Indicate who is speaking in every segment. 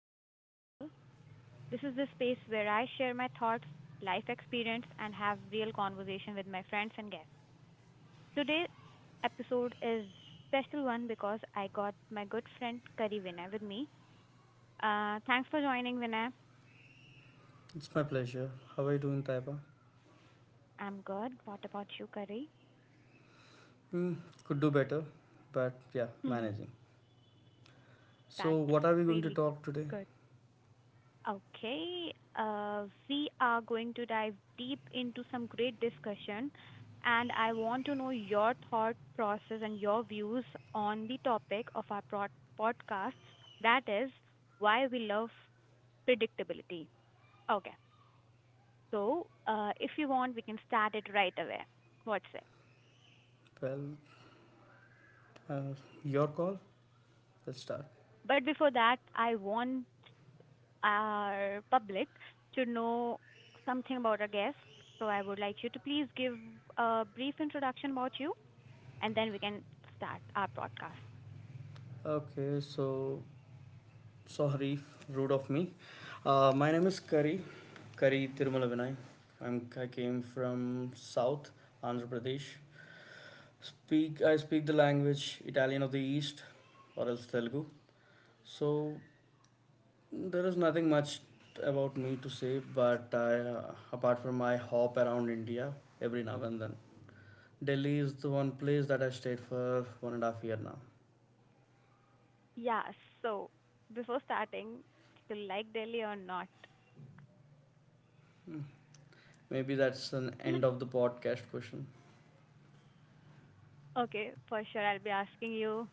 Speaker 1: podcast channel. This is the space where I share my thoughts, life experience, and have real conversation with my friends and guests. Today episode is special one because I got my good friend Kari Vinay with me. Thanks for joining, Vinay.
Speaker 2: It's my pleasure. How are you doing, Taiba?
Speaker 1: I'm good. What about you, Kari?
Speaker 2: Hmm, could do better, but yeah, managing. So,
Speaker 1: That's
Speaker 2: what are we going to
Speaker 1: really
Speaker 2: talk today?
Speaker 1: good. Okay, we are going to dive deep into some great discussion, and I want to know your thought process and your views on the topic of our podcast, that is, why we love predictability. Okay, so if you want, we can start it right away. What's it?
Speaker 2: Well, uh, your call. Let's start.
Speaker 1: But before that, I want our public to know something about our guest. So I would like you to please give a brief introduction about you and then we can start our broadcast.
Speaker 2: Okay, so sorry, rude of me. My name is Kari, Kari Tirumala Vinay. I came from South Andhra Pradesh. Speak I speak the language Italian of the East, or else Telugu. So there is nothing much about me to say, but I apart from I hop around India every now and then. Delhi is the one place that I stayed for 1.5 years now.
Speaker 1: Yeah, so before starting, do you like Delhi or not?
Speaker 2: Hmm. Maybe that's an end of the podcast question.
Speaker 1: Okay, for sure, I'll be asking you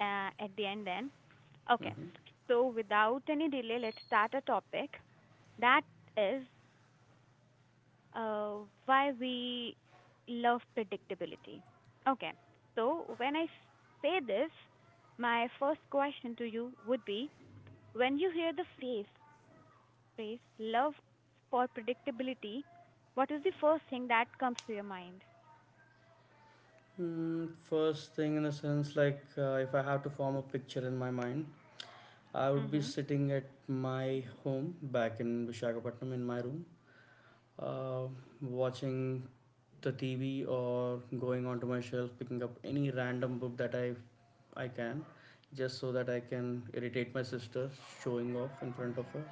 Speaker 1: at the end then. Okay,
Speaker 2: Mhm.
Speaker 1: so without any delay, let's start a topic that is, uh, why we love predictability. Okay, so when I say this, my first question to you would be, when you hear the phrase love for predictability, what is the first thing that comes to your mind?
Speaker 2: First thing, in a sense, like if I have to form a picture in my mind, I would be
Speaker 1: Mhm.
Speaker 2: sitting at my home back in Vishakhapatnam in my room, uh, watching the TV or going onto my shelf, picking up any random book that I can, just so that I can irritate my sister, showing off in front of her,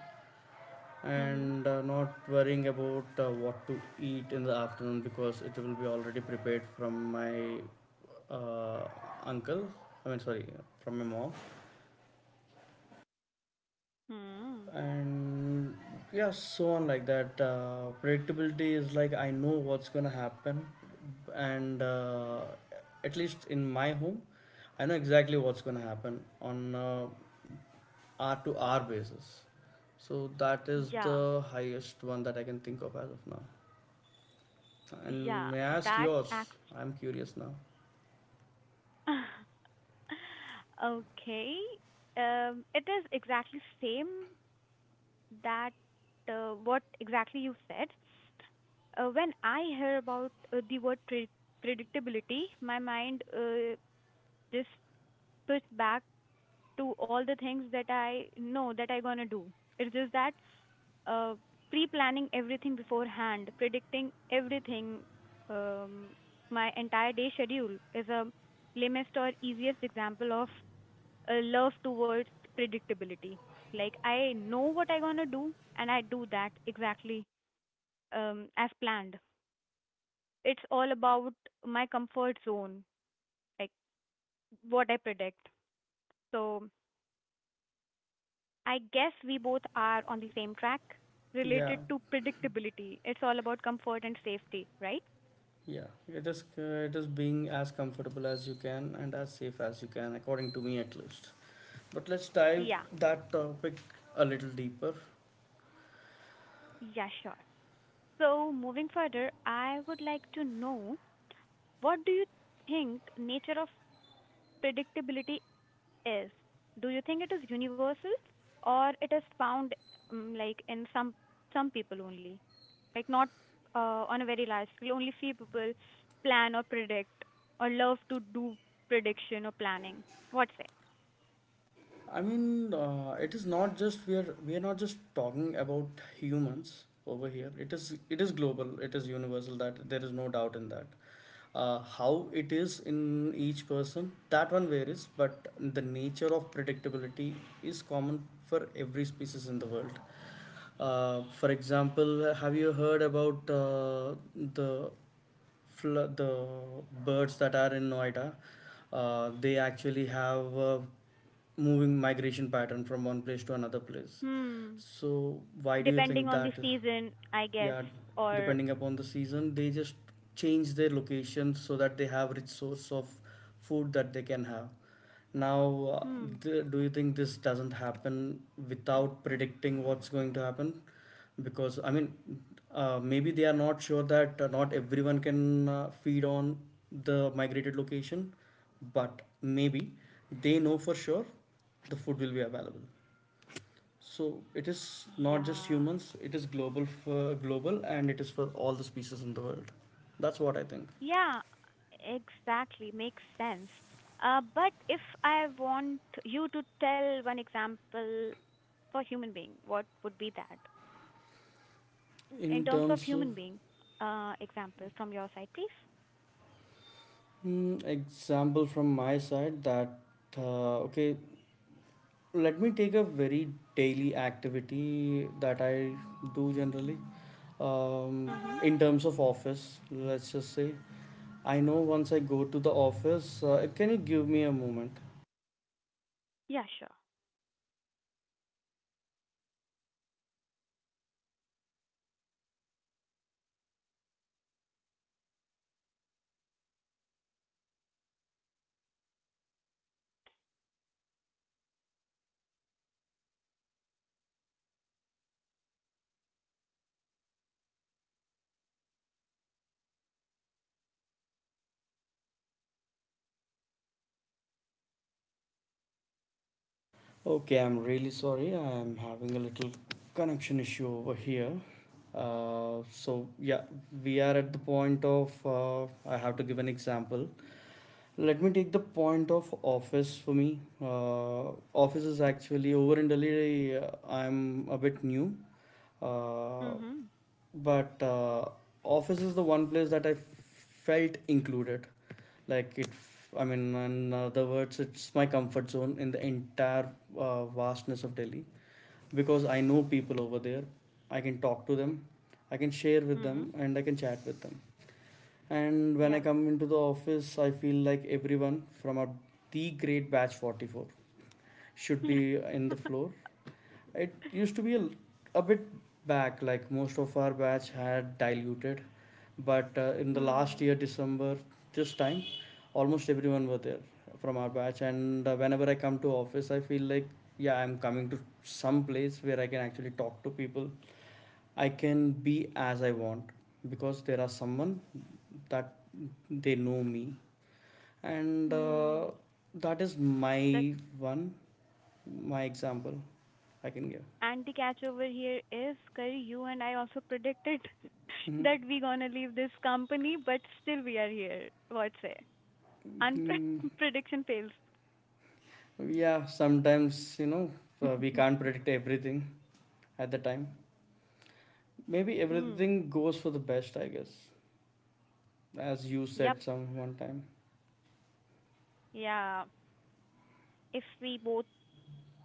Speaker 1: Mhm.
Speaker 2: and not worrying about what to eat in the afternoon because it will be already prepared from my uh, uncle. I mean, sorry, from my mom.
Speaker 1: Mhm.
Speaker 2: And yeah, so on like that, predictability is like I know what's gonna happen, and at least in my home I know exactly what's gonna happen on hour to hour basis. So that is the
Speaker 1: Yeah,
Speaker 2: highest one that I can think of as of now. And
Speaker 1: yeah,
Speaker 2: may I ask
Speaker 1: that
Speaker 2: yours?
Speaker 1: act.
Speaker 2: I'm curious now.
Speaker 1: Okay, it is exactly same that, what exactly you said. When I hear about, the word predictability, my mind, just switch back to all the things that I know that I gonna do. It's just that, uh, pre-planning everything beforehand, predicting everything, um, my entire day schedule is a lamest or easiest example of a love towards predictability. Like I know what I gonna do and I do that exactly, as planned. It's all about my comfort zone, like what I predict. So I guess we both are on the same track
Speaker 2: Yeah
Speaker 1: related to predictability. It's all about comfort and safety, right?
Speaker 2: Yeah, it is being as comfortable as you can and as safe as you can, according to me at least. But let's dive
Speaker 1: Yeah,
Speaker 2: that topic a little deeper.
Speaker 1: yeah, sure. So, moving further, I would like to know, what do you think nature of predictability is? Do you think it is universal or it is found, like in some people only? Like not, on a very large scale, only few people plan or predict or love to do prediction or planning. What say?
Speaker 2: I mean, it is not just we are not just talking about humans over here. It is global. It is universal. That there is no doubt in that. How it is in each person, that one varies, but the nature of predictability is common for every species in the world. For example, have you heard about the the birds that are in Noida, they actually have a moving migration pattern from one place to another place.
Speaker 1: Hmm.
Speaker 2: So why do you
Speaker 1: Depending
Speaker 2: think
Speaker 1: on the
Speaker 2: that?
Speaker 1: season, I guess.
Speaker 2: Yeah,
Speaker 1: Or,
Speaker 2: depending upon the season, they just change their location so that they have rich source of food that they can have. Now,
Speaker 1: hmm.
Speaker 2: do you think this doesn't happen without predicting what's going to happen? Because, I mean, maybe they are not sure that not everyone can feed on the migrated location, but maybe they know for sure the food will be available. So it is not just
Speaker 1: Yeah.
Speaker 2: humans, it is global for global and it is for all the species in the world. That's what I think.
Speaker 1: Yeah, exactly. Makes sense. But if I want you to tell one example for human being, what would be that? In
Speaker 2: In
Speaker 1: terms of
Speaker 2: terms of
Speaker 1: human being, example from your side, please.
Speaker 2: Example from my side, that okay, let me take a very daily activity that I do generally. um,
Speaker 1: Mm-hmm.
Speaker 2: in terms of office, let's just say I know once I go to the office, can you give me a moment?
Speaker 1: Yeah, sure.
Speaker 2: Okay, I'm really sorry. I'm having a little connection issue over here. So yeah, we are at the point of I have to give an example. Let me take the point of office for me. Office is actually over in Delhi. I'm a bit new, uh,
Speaker 1: Mm-hmm.
Speaker 2: but office is the one place that I felt included. Like I mean, in other words, it's my comfort zone in the entire vastness of Delhi because I know people over there. I can talk to them, I can share with
Speaker 1: Hmm.
Speaker 2: them, and I can chat with them. And when I
Speaker 1: Yeah.
Speaker 2: come into the office, I feel like everyone from our the grade batch 44 should be in the floor. It used to be a bit back, like most of our batch had diluted, but in the last year,
Speaker 1: Hmm.
Speaker 2: December, this time, almost everyone were there from our batch. And whenever I come to office, I feel like yeah, I'm coming to some place where I can actually talk to people. I can be as I want because there are someone that they know me, and
Speaker 1: Hmm.
Speaker 2: that is
Speaker 1: The
Speaker 2: my one my example I can give.
Speaker 1: And the catch over here is, Kari, you and I also predicted
Speaker 2: Mhm.
Speaker 1: that we gonna leave this company, but still we are here. What say? Unpre-
Speaker 2: Mhm.
Speaker 1: prediction fails.
Speaker 2: Yeah, sometimes you know, we can't predict everything at the time. Maybe
Speaker 1: Hmm.
Speaker 2: everything goes for the best, I guess, as you
Speaker 1: Yep.
Speaker 2: said some one time.
Speaker 1: Yeah. If we both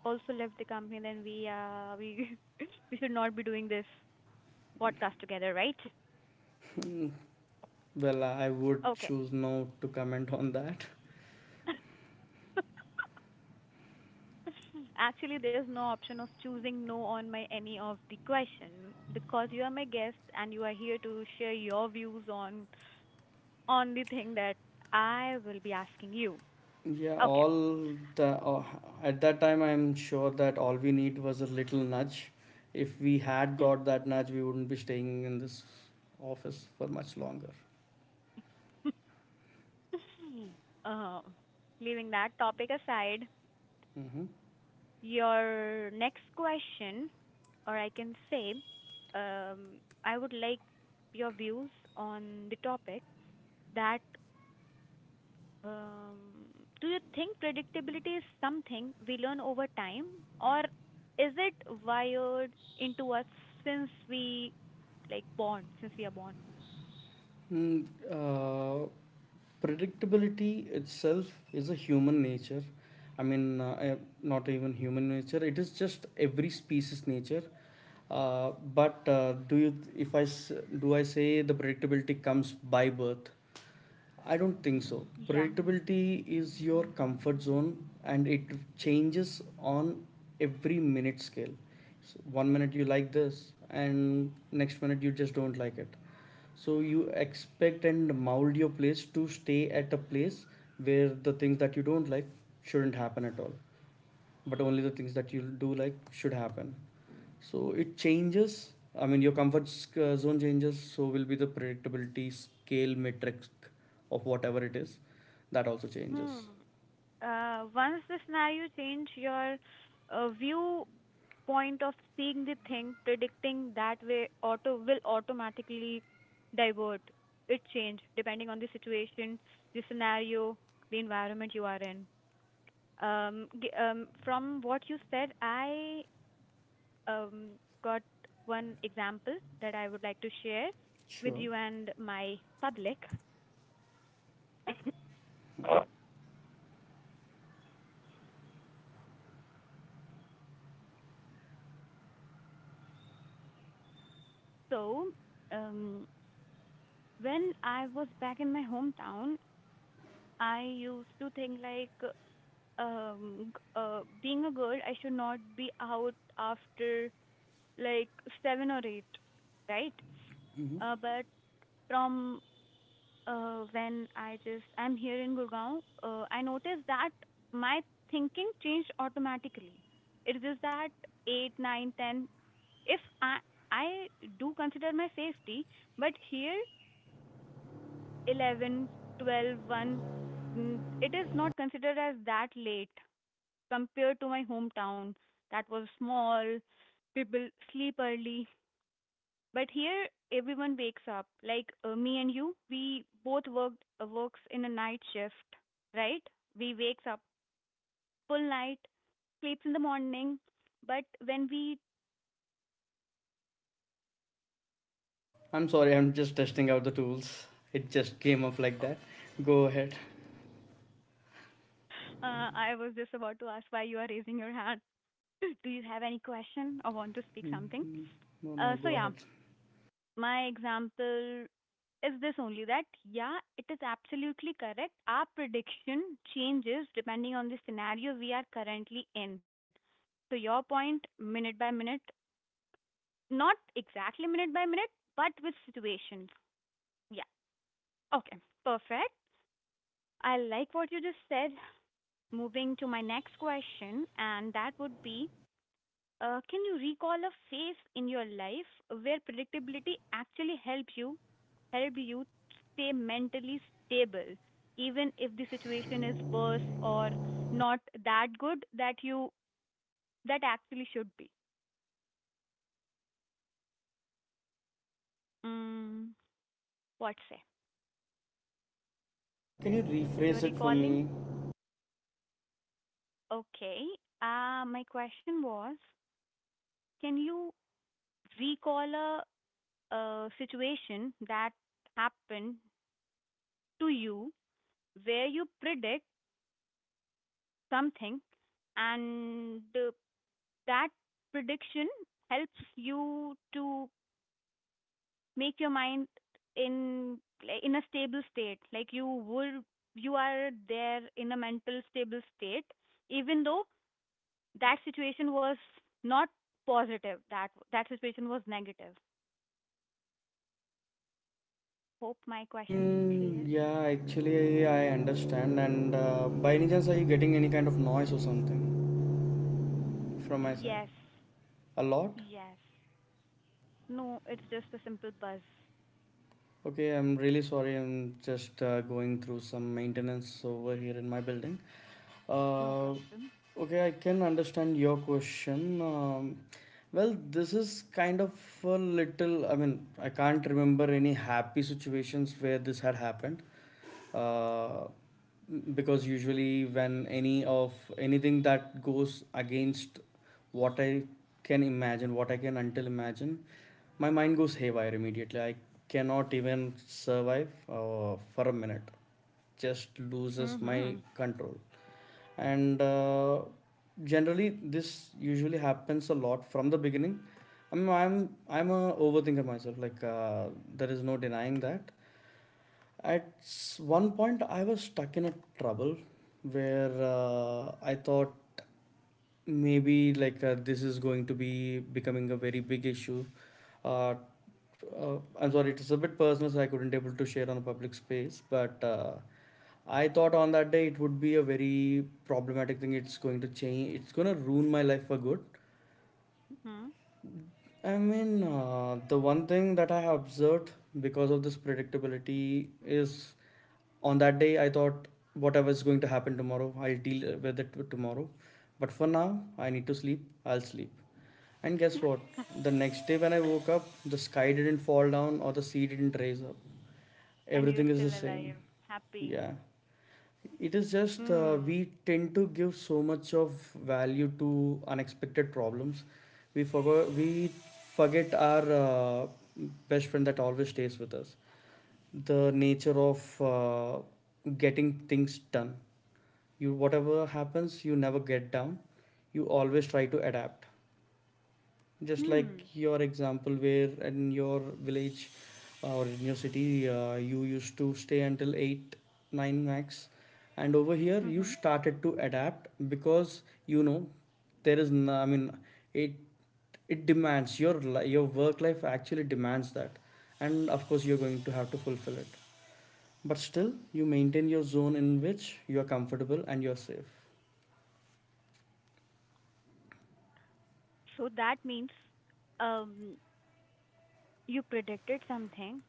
Speaker 1: also left the company, then we we should not be doing this podcast together, right?
Speaker 2: well, I would
Speaker 1: Okay.
Speaker 2: choose not to comment on that.
Speaker 1: Actually, there's no option of choosing no on my any of the question because you are my guest and you are here to share your views on the thing that I will be asking you.
Speaker 2: Yeah,
Speaker 1: Okay.
Speaker 2: all the at that time, I'm sure that all we need was a little nudge. If we had got that nudge, we wouldn't be staying in this office for much longer.
Speaker 1: Um, leaving that topic aside,
Speaker 2: Mhm.
Speaker 1: your next question, or I can say, I would like your views on the topic that, um, do you think predictability is something we learn over time, or is it wired into us since we like born, since we are born?
Speaker 2: Mm, uh, predictability itself is a human nature. I mean, not even human nature. It is just every species nature. Uh, but do you, if I s- do I say the predictability comes by birth? I don't think so.
Speaker 1: Yeah.
Speaker 2: Predictability is your comfort zone, and it changes on every minute scale. So one minute you like this, and next minute you just don't like it. So you expect and mold your place to stay at a place where the things that you don't like shouldn't happen at all, but only the things that you do like should happen. So it changes. I mean, your comfort zone changes, so will be the predictability scale metric of whatever it is, that also
Speaker 1: Hmm.
Speaker 2: changes.
Speaker 1: Once the scenario change your, viewpoint of seeing the thing, predicting that way automatically divert. It change depending on the situation, the scenario, the environment you are in. From what you said, I, um, got one example that I would like to share with
Speaker 2: Sure.
Speaker 1: you and my public. So, um, when I was back in my hometown, I used to think like, being a girl I should not be out after like 7 or 8, right, but from, when I'm here in Gurgaon, I noticed that my thinking changed automatically. It is just that 8 9, 10, if I do consider my safety, but here 11, 12, 1, it is not considered as that late compared to my hometown that was small. People sleep early, but here everyone wakes up. Like, me and you, we both worked works in a night shift, right? We wakes up full night, sleeps in the morning, but when we,
Speaker 2: I'm sorry, I'm just testing out the tools. It just came up like
Speaker 1: uh,
Speaker 2: that. Go ahead.
Speaker 1: I was just about to ask why you are raising your hand. Do you have any question or want to speak
Speaker 2: Mm,
Speaker 1: something?
Speaker 2: no no no,
Speaker 1: So
Speaker 2: go
Speaker 1: yeah,
Speaker 2: ahead.
Speaker 1: my example is this only, that yeah, it is absolutely correct. Our prediction changes depending on the scenario we are currently in, so your point minute by minute, not exactly minute by minute, but with situations. Yeah. Okay, perfect. I like what you just said. Moving to my next question, and that would be, can you recall a phase in your life where predictability actually help you stay mentally stable, even if the situation is worse or not that good that you that actually should be. Mm, what say?
Speaker 2: Can you
Speaker 1: You're
Speaker 2: rephrase it for
Speaker 1: recalling?
Speaker 2: me?
Speaker 1: Okay. My question was, can you recall a situation that happened to you where you predict something and, that prediction helps you to make your mind in, like, in a stable state, like, you are there in a mental stable state even though that situation was not positive, that that situation was negative. Hope my question is
Speaker 2: Hmm.
Speaker 1: clear.
Speaker 2: Yeah, actually I understand. And by any chance are you getting any kind of noise or something from my side?
Speaker 1: Yes.
Speaker 2: A lot.
Speaker 1: Yes. No, it's just a simple buzz.
Speaker 2: Okay, I'm really sorry. I'm just going through some maintenance over here in my building.
Speaker 1: No
Speaker 2: Uh,
Speaker 1: problem.
Speaker 2: okay, I can understand your question. Well, this is kind of a little, I mean, I can't remember any happy situations where this had happened. Uh, because usually when any of anything that goes against what I can imagine, what I can until imagine, my mind goes haywire immediately. I cannot even survive for a minute, just
Speaker 1: Mm.
Speaker 2: loses my
Speaker 1: Mhm.
Speaker 2: control. And generally this usually happens a lot from the beginning. I mean, I'm a overthinker myself, like there is no denying that. At one point, I was stuck in a trouble where I thought maybe like this is going to be becoming a very big issue. Uh, I'm sorry, it is a bit personal, so I couldn't able to share on a public space. But I thought on that day it would be a very problematic thing. It's going to change. It's going to ruin my life for good.
Speaker 1: Hmm.
Speaker 2: I mean, the one thing that I have observed because of this predictability is on that day I thought whatever is going to happen tomorrow, I'll deal with it tomorrow. But for now, I need to sleep, I'll sleep. And guess what? The next day when I woke up, the sky didn't fall down or the sea didn't raise up.
Speaker 1: And
Speaker 2: Everything
Speaker 1: you're
Speaker 2: is the
Speaker 1: still
Speaker 2: same.
Speaker 1: alive. Happy.
Speaker 2: Yeah. It is just
Speaker 1: Hmm.
Speaker 2: we tend to give so much of value to unexpected problems. We forget our best friend that always stays with us. The nature of getting things done. You, whatever happens, you never get down. You always try to adapt, just like
Speaker 1: Hmm.
Speaker 2: your example where in your village or in your city, you used to stay until 8 9 max, and over here you
Speaker 1: Mhm.
Speaker 2: started to adapt because you know, I mean, it it demands your your work life actually demands that, and of course you're going to have to fulfill it, but still you maintain your zone in which you are comfortable and you're safe.
Speaker 1: So that means, um you predicted something.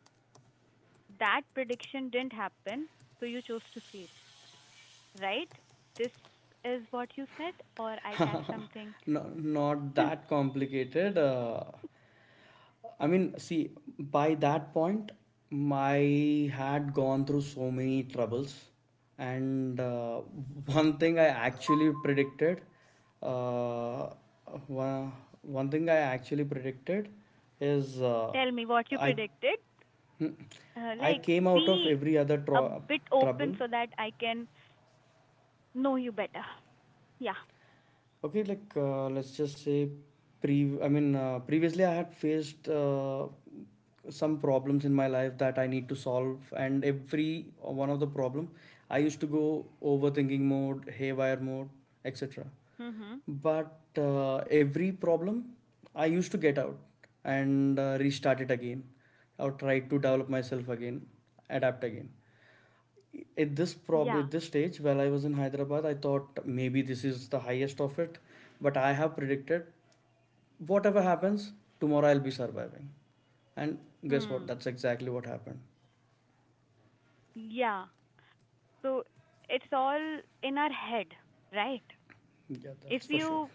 Speaker 1: That prediction didn't happen, so you chose to sleep, right? This is what you said, or I catch something.
Speaker 2: no, not that complicated. I mean, see, by that point, my had gone through so many troubles, and one thing I actually predicted, uh, one, one thing I actually predicted is
Speaker 1: Tell me what you
Speaker 2: I
Speaker 1: predicted.
Speaker 2: Hmm. I
Speaker 1: Like,
Speaker 2: came out of
Speaker 1: be
Speaker 2: every other
Speaker 1: a bit open
Speaker 2: trouble.
Speaker 1: so that I can know you better. Yeah.
Speaker 2: Okay, like let's just say, pre. I mean, previously I had faced some problems in my life that I need to solve, and every one of the problem, I used to go overthinking mode, haywire mode, etc.
Speaker 1: Mhm.
Speaker 2: But every problem, I used to get out, and restart it again, or try to develop myself again, adapt again. At this prob
Speaker 1: Yeah.
Speaker 2: at this stage while I was in Hyderabad, I thought maybe this is the highest of it, but I have predicted whatever happens, tomorrow I'll be surviving, and guess what?
Speaker 1: Hmm.
Speaker 2: That's exactly what happened.
Speaker 1: Yeah. So it's all in our head, right?
Speaker 2: Yeah, that's
Speaker 1: If
Speaker 2: for sure.
Speaker 1: you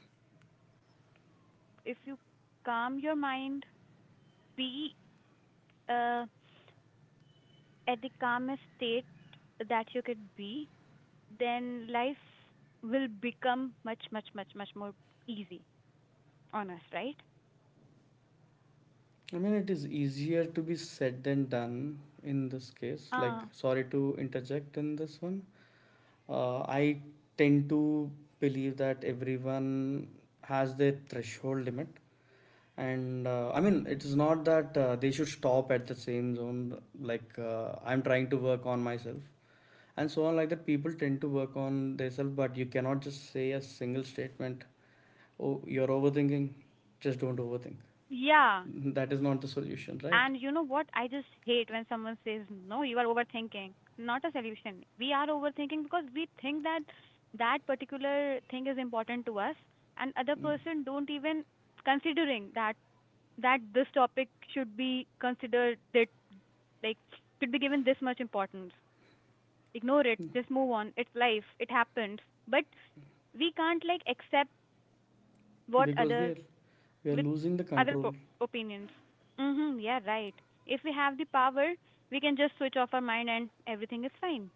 Speaker 1: if you calm your mind, be uh at the calmest state that you could be, then life will become much, much, much, much more easy on us, right?
Speaker 2: I mean, it is easier to be said than done in this case. Like,
Speaker 1: Uh,
Speaker 2: sorry to interject in this one. I tend to believe that everyone has their threshold limit. And I mean, it is not that they should stop at the same zone. Like I'm trying to work on myself, and so on. Like that, people tend to work on themselves, but you cannot just say a single statement. Oh, you're overthinking. Just don't overthink.
Speaker 1: yeah.
Speaker 2: That
Speaker 1: And
Speaker 2: is
Speaker 1: you
Speaker 2: not
Speaker 1: know
Speaker 2: the
Speaker 1: what? I
Speaker 2: solution,
Speaker 1: just
Speaker 2: right?
Speaker 1: hate when someone says, no, you are overthinking. Not a solution. We are overthinking because we think that that particular thing is important to us, and other
Speaker 2: Mm.
Speaker 1: person don't even considering that that this topic should be considered, that, like, should be given this much importance. Ignore it, just move on, it's life, it happens. But we can't like accept what
Speaker 2: Because we
Speaker 1: other
Speaker 2: are we are
Speaker 1: with
Speaker 2: losing the
Speaker 1: other
Speaker 2: control.
Speaker 1: opinions. Mhm. Yeah, right. If we have the power, we can just switch off our mind and everything is fine,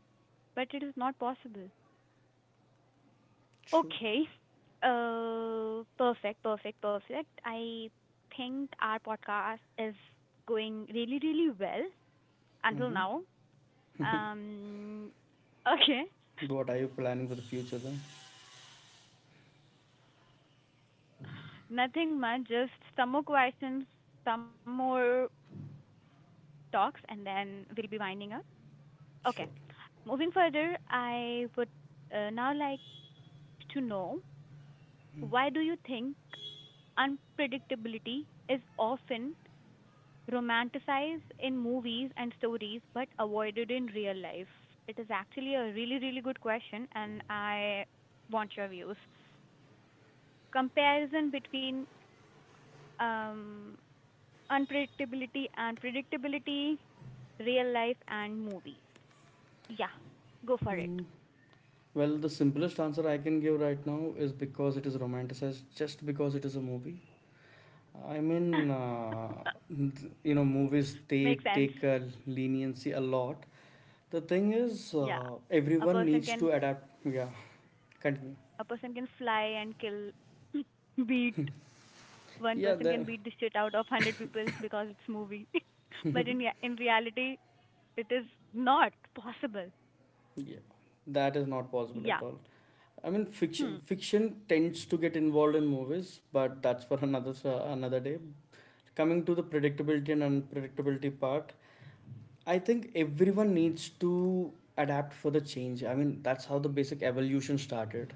Speaker 1: but it is not possible.
Speaker 2: True.
Speaker 1: Okay. Perfect, perfect, perfect. I think our podcast is going really, really well until
Speaker 2: Hmm.
Speaker 1: now. Um okay.
Speaker 2: What are you planning for the future then?
Speaker 1: Nothing much, just some more questions, some more talks, and then we'll be winding up. Okay.
Speaker 2: Sure.
Speaker 1: Moving further, I would, now like to know, why do you think unpredictability is often romanticized in movies and stories but avoided in real life? It is actually a really, really good question, and I want your views. Comparison between, um, unpredictability and predictability, real life and movies. Yeah, go for it.
Speaker 2: Mm. Well, the simplest answer I can give right now is because it is romanticized, just because it is a movie. I mean, movies they
Speaker 1: Makes sense.
Speaker 2: take a leniency a lot. The thing is,
Speaker 1: Yeah. A
Speaker 2: everyone
Speaker 1: person
Speaker 2: needs
Speaker 1: can
Speaker 2: to adapt. Yeah, continue.
Speaker 1: a person can fly and kill beat, one
Speaker 2: Yeah,
Speaker 1: person can beat the shit out of 100 people because it's movie. But in reality it is not possible.
Speaker 2: yeah, that is not possible at
Speaker 1: Yeah.
Speaker 2: all. I mean,
Speaker 1: Hmm.
Speaker 2: fiction tends to get involved in movies, but that's for another day. Coming to the predictability and unpredictability part, I think everyone needs to adapt for the change. I mean, that's how the basic evolution started.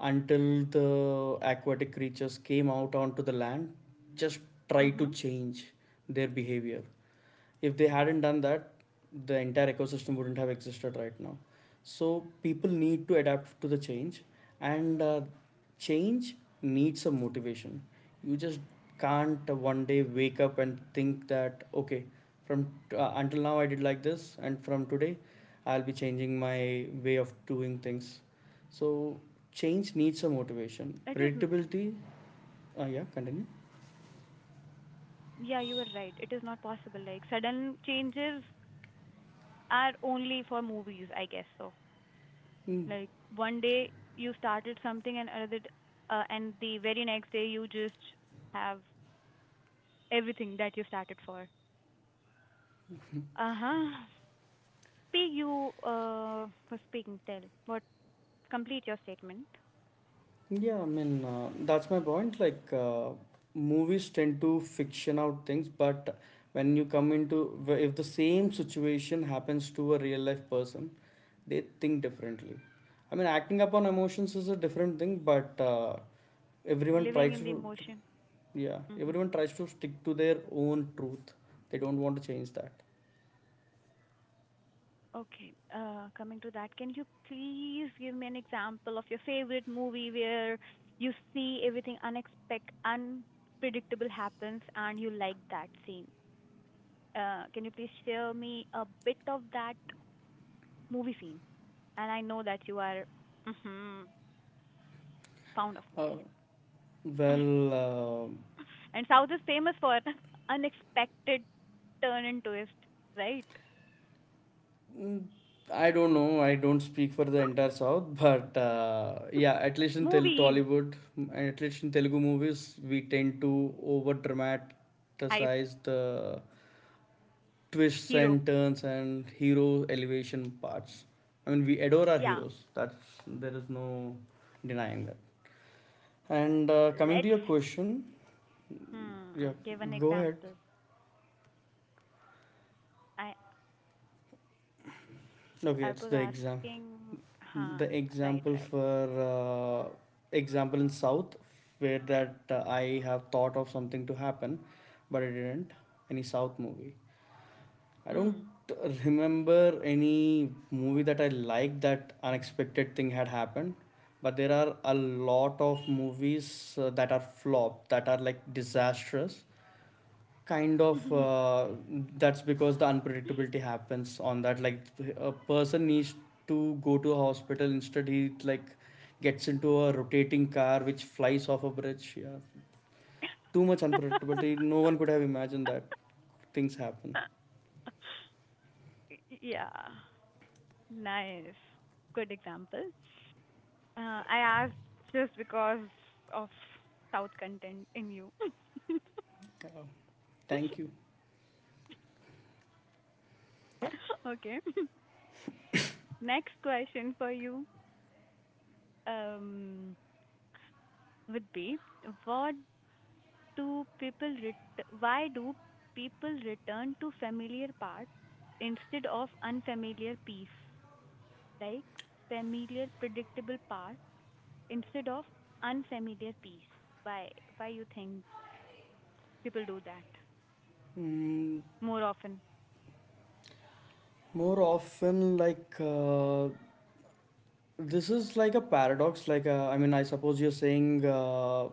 Speaker 2: Until the aquatic creatures came out onto the land, just try to
Speaker 1: Mhm.
Speaker 2: change their behavior. If they hadn't done that, the entire ecosystem wouldn't have existed right now. So people need to adapt to the change, and change needs a motivation. You just can't one day wake up and think that okay, from until now I did like this, and from today I'll be changing my way of doing things. So change needs a
Speaker 1: It is.
Speaker 2: motivation. Predictability, yeah, continue.
Speaker 1: Yeah, you were right. It is not possible. Like sudden changes are only for movies, I guess so. Like one day you started something and and the very next day you just have everything that you started for. Uh huh. Speak. You for speaking. Tell what. Complete your statement.
Speaker 2: Yeah, I mean, that's my point. Like, movies tend to fiction out things, but when you come into, if the same situation happens to a real life person, they think differently. I mean, acting upon emotions is a different thing, but everyone
Speaker 1: Living
Speaker 2: tries
Speaker 1: in the
Speaker 2: to,
Speaker 1: emotion.
Speaker 2: yeah,
Speaker 1: Mm-hmm.
Speaker 2: everyone tries to stick to their own truth. They don't want to change that.
Speaker 1: Okay. Coming to that, can you please give me an example of your favorite movie where you see everything unexpected, unpredictable happens, and you like that scene? Can you please share me a bit of that movie scene. And I know that you are, mhm, fond of
Speaker 2: Uh,
Speaker 1: movies.
Speaker 2: well,
Speaker 1: And South is famous for unexpected turn and twist, right?
Speaker 2: Mm, I don't know. I don't speak for the entire South, but yeah, at least in
Speaker 1: Movies,
Speaker 2: Tollywood, and at least in Telugu movies, we tend to over
Speaker 1: hype,
Speaker 2: dramatize the twists
Speaker 1: hero.
Speaker 2: and turns and hero elevation parts. I mean, we adore our
Speaker 1: Yeah,
Speaker 2: heroes. That's There is no denying that. And coming to
Speaker 1: let's,
Speaker 2: your question,
Speaker 1: hmm,
Speaker 2: yeah,
Speaker 1: give an
Speaker 2: go ahead.
Speaker 1: example. I
Speaker 2: Okay,
Speaker 1: I
Speaker 2: it's
Speaker 1: was
Speaker 2: the exam.
Speaker 1: asking, huh,
Speaker 2: The
Speaker 1: right,
Speaker 2: example
Speaker 1: right.
Speaker 2: for example in South where that I have thought of something to happen, but it didn't. Any South movie, I
Speaker 1: Hmm.
Speaker 2: don't remember any movie that I liked that unexpected thing had happened. But there are a lot of movies that are flop, that are like disastrous kind of uh, That's because the unpredictability happens on that. Like a person needs to go to a hospital, instead he like gets into a rotating car which flies off a bridge. Yeah, too much unpredictability, no one could have imagined that things happen.
Speaker 1: Yeah, nice. Good example. I asked just because of South content in you.
Speaker 2: uh, thank you.
Speaker 1: Okay. Next question for you, um, would be, what do people ret- why do people return to familiar parts instead of unfamiliar piece? Like familiar predictable parts instead of unfamiliar piece. Why why you think people do that
Speaker 2: Mm,
Speaker 1: more often?
Speaker 2: more often like this is like a paradox. Like, I mean, I suppose you're saying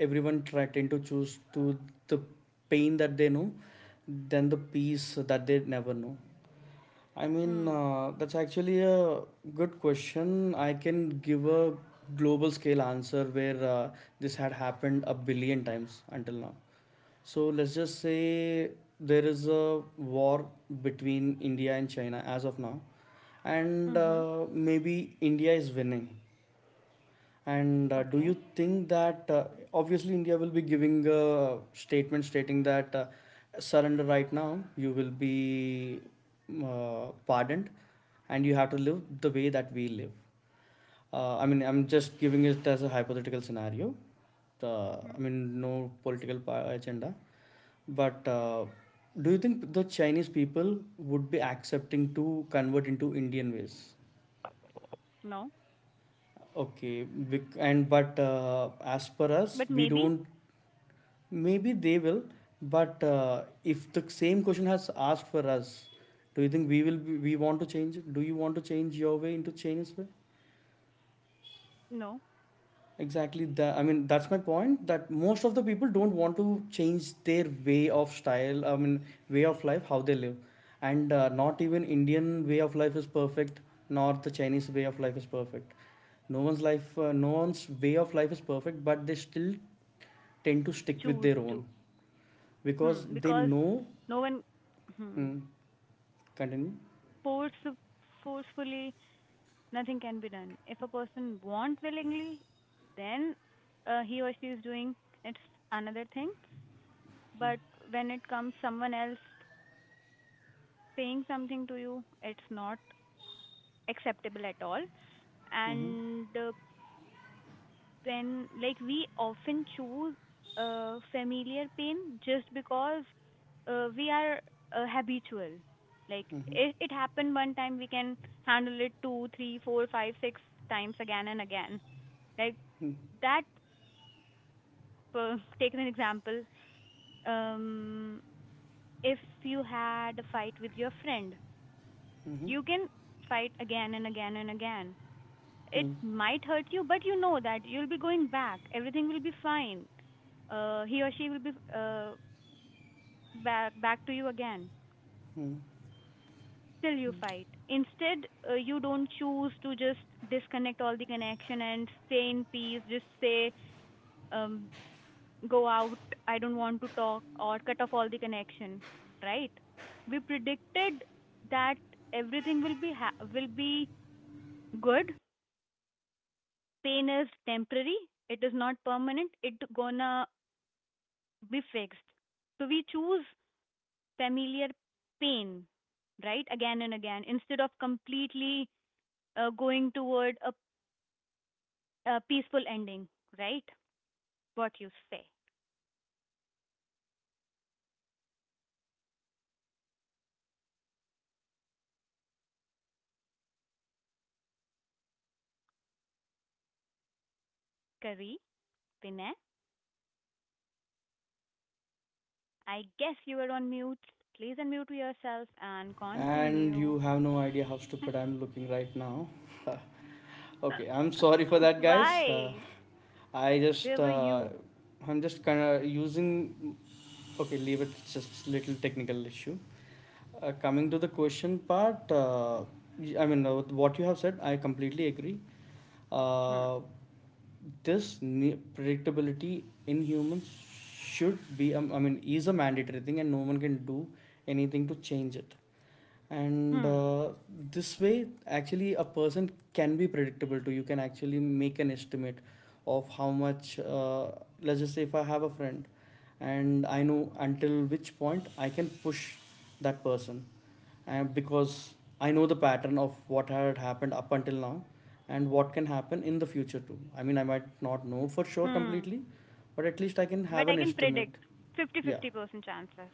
Speaker 2: everyone tend to choose to the pain that they know, than the peace that they never know. I mean,
Speaker 1: Hmm.
Speaker 2: that's actually a good question. I can give a global scale answer where this had happened a billion times until now. So let's just say there is a war between India and China as of now, and
Speaker 1: Mhm.
Speaker 2: maybe India is winning. And do you
Speaker 1: Okay.
Speaker 2: think that obviously India will be giving a statement stating that surrender right now, you will be pardoned, and you have to live the way that we live. I mean, I'm just giving it as a hypothetical scenario. I
Speaker 1: Hmm.
Speaker 2: mean, no agenda. But do you think the Chinese people would be accepting to convert into Indian ways?
Speaker 1: No,
Speaker 2: Okay, bec- and but as per us,
Speaker 1: but
Speaker 2: we
Speaker 1: maybe
Speaker 2: don't. Maybe they will, but if the same question has asked for us, do you think we will? We want to change? It? Do you want to change your way into Chinese way?
Speaker 1: no,
Speaker 2: Exactly that. I mean, that's my point. That most of the people don't want to change their way of style. I mean, way of life, how they live, and not even Indian way of life is perfect, nor the Chinese way of life is perfect. No one's way of life is perfect, but they still tend to stick with
Speaker 1: choose
Speaker 2: their own
Speaker 1: to,
Speaker 2: because
Speaker 1: hmm,
Speaker 2: they
Speaker 1: because
Speaker 2: know.
Speaker 1: no one, hmm,
Speaker 2: Hmm, continue.
Speaker 1: force forcefully nothing can be done. If a person want willingly, then he or she is doing it's another thing. But when it comes someone else paying something to you, it's not acceptable at all.
Speaker 2: Mm-hmm.
Speaker 1: And when like we often choose familiar pain just because we are habitual, like
Speaker 2: Mm-hmm.
Speaker 1: it happened one time. We can handle it 2, 3, 4, 5, 6 times, again and again, like that. Take an example. um if you had a fight with your friend,
Speaker 2: Mm-hmm.
Speaker 1: you can fight again and again and again. It
Speaker 2: Mm-hmm.
Speaker 1: might hurt you, but you know that you'll be going back, everything will be fine. He or she will be back to you again. Still you fight, instead you don't choose to just disconnect all the connection and stay in peace, just say um, go out, I don't want to talk, or cut off all the connection, right? We predicted that everything will be ha- will be good. Pain is temporary, it is not permanent, it gonna be fixed. So we choose familiar pain, right? Again and again, instead of completely going toward a peaceful ending, right? What you say. Kari, Vinay, I guess you are on mute. Please unmute yourself and
Speaker 2: And
Speaker 1: continue.
Speaker 2: you have no idea how stupid I'm looking right now. Okay, I'm sorry for that, guys.
Speaker 1: Why?
Speaker 2: I just
Speaker 1: Where were
Speaker 2: uh,
Speaker 1: you?
Speaker 2: I'm just kind of using. Okay, leave it. It's just little technical issue. Coming to the question part, I mean, what you have said, I completely agree.
Speaker 1: Hmm.
Speaker 2: Uh, Predictability in humans should be, I mean, is a mandatory thing, and no one can do anything to change it. And
Speaker 1: Hmm.
Speaker 2: this way actually a person can be predictable too. You can actually make an estimate of how much, let's just say if I have a friend and I know until which point I can push that person, and because I know the pattern of what had happened up until now, and what can happen in the future too. I mean, I might not know for sure
Speaker 1: Hmm.
Speaker 2: completely, but at least I can have
Speaker 1: But I
Speaker 2: an
Speaker 1: can predict
Speaker 2: estimate. Yeah.
Speaker 1: 50-50% chances.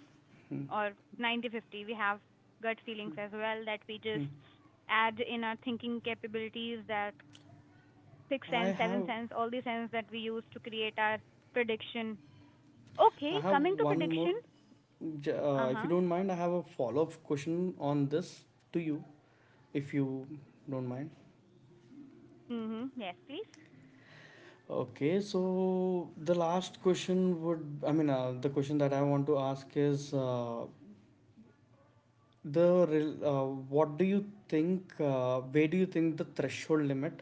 Speaker 2: Hmm.
Speaker 1: Or 90-50, we have gut feelings as well that we just
Speaker 2: Hmm.
Speaker 1: add in our thinking capabilities, that sixth
Speaker 2: I
Speaker 1: sense, seventh
Speaker 2: have
Speaker 1: sense, all the sense that we use to create our prediction. Okay,
Speaker 2: I have
Speaker 1: coming to
Speaker 2: one more
Speaker 1: prediction. Uh
Speaker 2: If you
Speaker 1: huh.
Speaker 2: don't mind, I have a follow up question on this to you, if you don't mind.
Speaker 1: Mhm. Yes, please.
Speaker 2: Okay, so the last question would, I mean, the question that I want to ask is the what do you think? Where do you think the threshold limit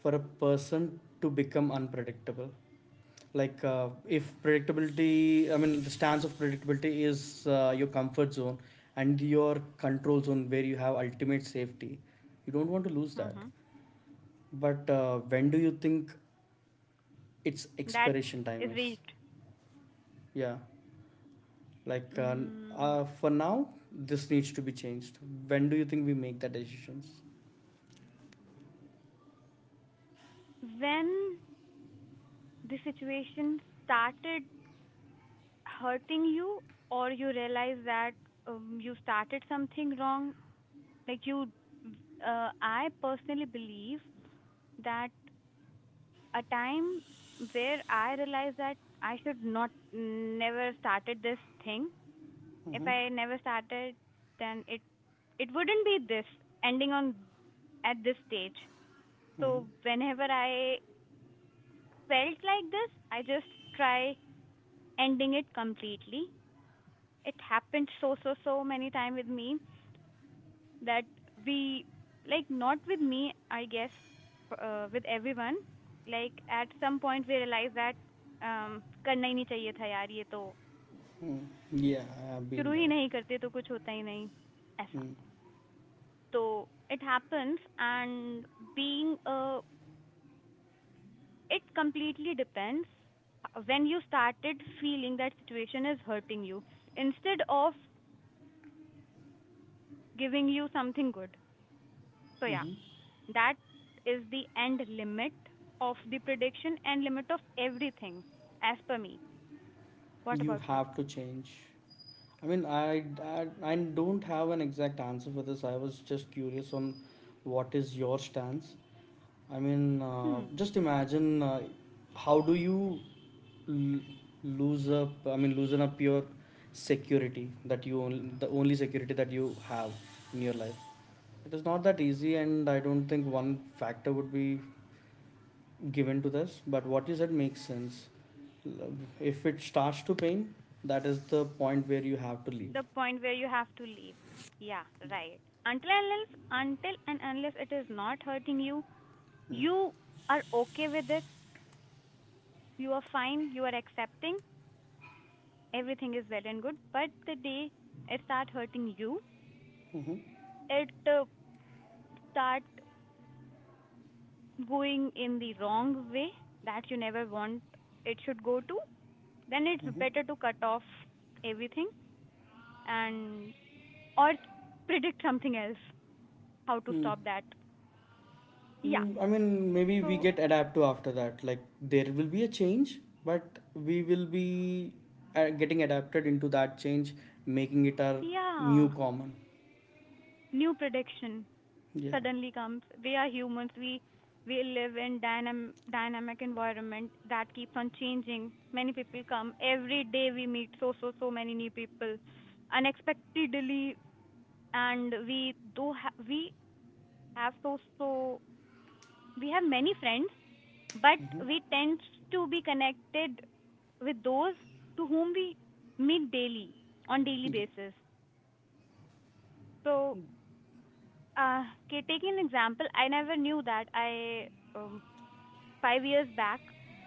Speaker 2: for a person to become unpredictable? Like if predictability, I mean, the stance of predictability is your comfort zone and your control zone where you have ultimate safety. You don't want to lose that.
Speaker 1: Mhm.
Speaker 2: But when do you think its
Speaker 1: That
Speaker 2: expiration time
Speaker 1: is
Speaker 2: is?
Speaker 1: reached.
Speaker 2: Yeah. Like
Speaker 1: Mm.
Speaker 2: for now, this needs to be changed. When do you think we make the decisions?
Speaker 1: When the situation started hurting you, or you realize that you started something wrong, like I personally believe that a time where I realized that I should not never started this thing. If
Speaker 2: Mm-hmm.
Speaker 1: I never started, then it wouldn't be this ending on at this stage.
Speaker 2: Mm-hmm.
Speaker 1: So whenever I felt like this, I just try ending it completely. It happened so so so many time with me that we like not with me, I guess, with everyone. Like at some point we realize that um करना ही नहीं चाहिए था यार, ये तो
Speaker 2: Mm. Yeah, I've
Speaker 1: शुरू
Speaker 2: been
Speaker 1: he
Speaker 2: there.
Speaker 1: नहीं करते तो कुछ होता ही नहीं ऐसा
Speaker 2: Mm.
Speaker 1: तो. It happens, and being it completely depends when you started feeling that situation is hurting you instead of giving you something good, so yeah.
Speaker 2: Mm-hmm.
Speaker 1: That is the end limit of the prediction and limit of everything, as per me. What
Speaker 2: You
Speaker 1: about you?
Speaker 2: have to change. I mean, I don't have an exact answer for this. I was just curious on what is your stance. I mean,
Speaker 1: Hmm.
Speaker 2: just imagine how do you l- lose up? I mean, loosen up your security that the only security that you have in your life. It is not that easy, and I don't think one factor would be given to this, but what you said makes sense. If it starts to pain, that is the point where you have to leave.
Speaker 1: The point where you have to leave. Yeah, right. Until and unless, until and unless, it is not hurting you, you are okay with it. You are fine. You are accepting. Everything is well and good. But the day it start hurting you,
Speaker 2: Mhm.
Speaker 1: it start going in the wrong way that you never want it should go to, then it's better to cut off everything and or predict something else, how to stop that. Yeah.
Speaker 2: Mm, I mean, maybe we
Speaker 1: So
Speaker 2: get adapt to after that. Like there will be a change, but we will be getting adapted into that change, making it our
Speaker 1: yeah,
Speaker 2: new common.
Speaker 1: new prediction
Speaker 2: Yeah,
Speaker 1: suddenly comes. We are humans, we live in dynamic environment that keeps on changing. Many people come every day, we meet so so so many new people unexpectedly, and we have so so, we have many friends, but we tend to be connected with those to whom we meet daily, on daily
Speaker 2: yeah,
Speaker 1: basis. So, okay, taking an example, I never knew that I um, 5 years back,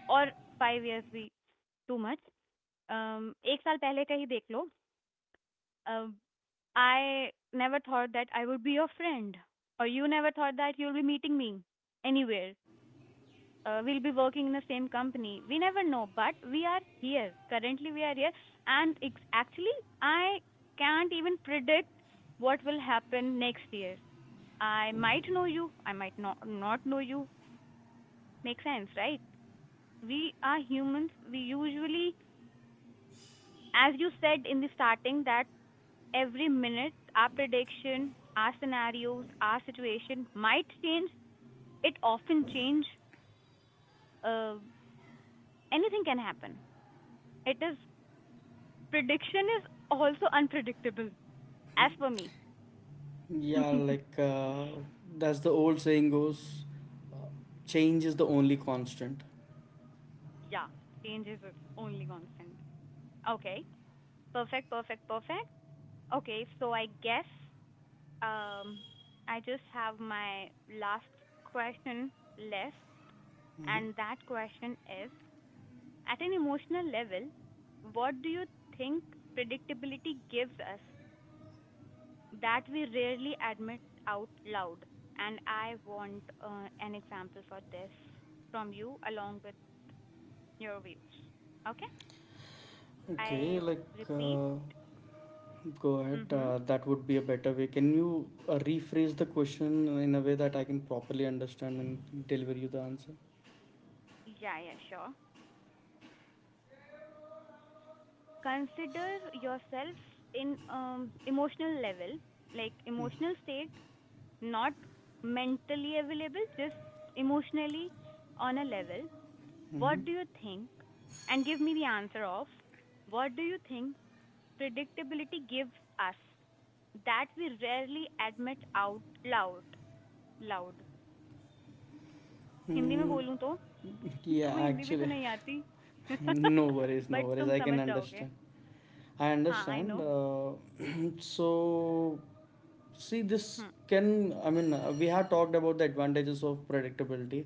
Speaker 1: or 5 years, we too much. एक साल पहले का ही देख लो. Um, I never thought that I would be your friend, or you never thought that you'll be meeting me anywhere. Will be working in the same company. We never know, but we are here. Currently, we are here, and it's actually, I can't even predict what will happen next year. I might know you, I might not know you. Makes sense, right? We are humans. We usually, as you said in the starting, that every minute our prediction, our scenarios, our situation might change. It often change. Uh, Anything can happen. It is Prediction is also unpredictable, as per me.
Speaker 2: yeah. Like that's the old saying goes, uh, change is the only constant.
Speaker 1: Yeah, change is only constant. Okay, perfect, perfect, perfect. Okay, so I guess um, I just have my last question left,
Speaker 2: Mhm.
Speaker 1: and that question is: at an emotional level, what do you think predictability gives us that we rarely admit out loud? And I want an example for this from you, along with your views. Okay? I
Speaker 2: Okay, like
Speaker 1: repeat.
Speaker 2: uh, go ahead.
Speaker 1: Mm-hmm.
Speaker 2: That would be a better way. Can you rephrase the question in a way that I can properly understand and deliver you the answer?
Speaker 1: Yeah, yeah, sure. Consider yourself in emotional level, like emotional state, not mentally available, just emotionally on a level.
Speaker 2: Mm-hmm.
Speaker 1: What do you think? And give me the answer of what do you think predictability gives us that we rarely admit out loud. Loud. Hindi में
Speaker 2: Mm,
Speaker 1: बोलूं तो
Speaker 2: yeah,
Speaker 1: तुम्हें हिंदी भी तो
Speaker 2: actually,
Speaker 1: नहीं आती.
Speaker 2: no worries, no
Speaker 1: but
Speaker 2: worries.
Speaker 1: तुम
Speaker 2: I can
Speaker 1: समझ जाओगे.
Speaker 2: understand. I
Speaker 1: हाँ, I
Speaker 2: understand.
Speaker 1: No.
Speaker 2: So, see,
Speaker 1: hmm.
Speaker 2: I mean, we have talked about the advantages of predictability.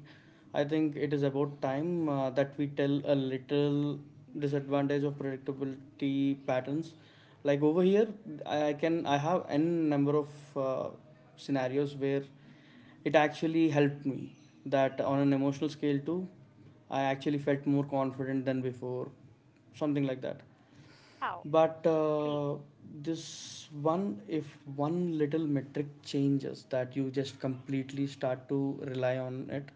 Speaker 2: I think it is about time that we tell a little disadvantage of predictability patterns. Like over here, I can, I have n number of uh, scenarios where it actually helped me that on an emotional scale too I actually felt more confident than before, something like that.
Speaker 1: How?
Speaker 2: But
Speaker 1: Please.
Speaker 2: this one, if one little metric changes that you just completely start to rely on it.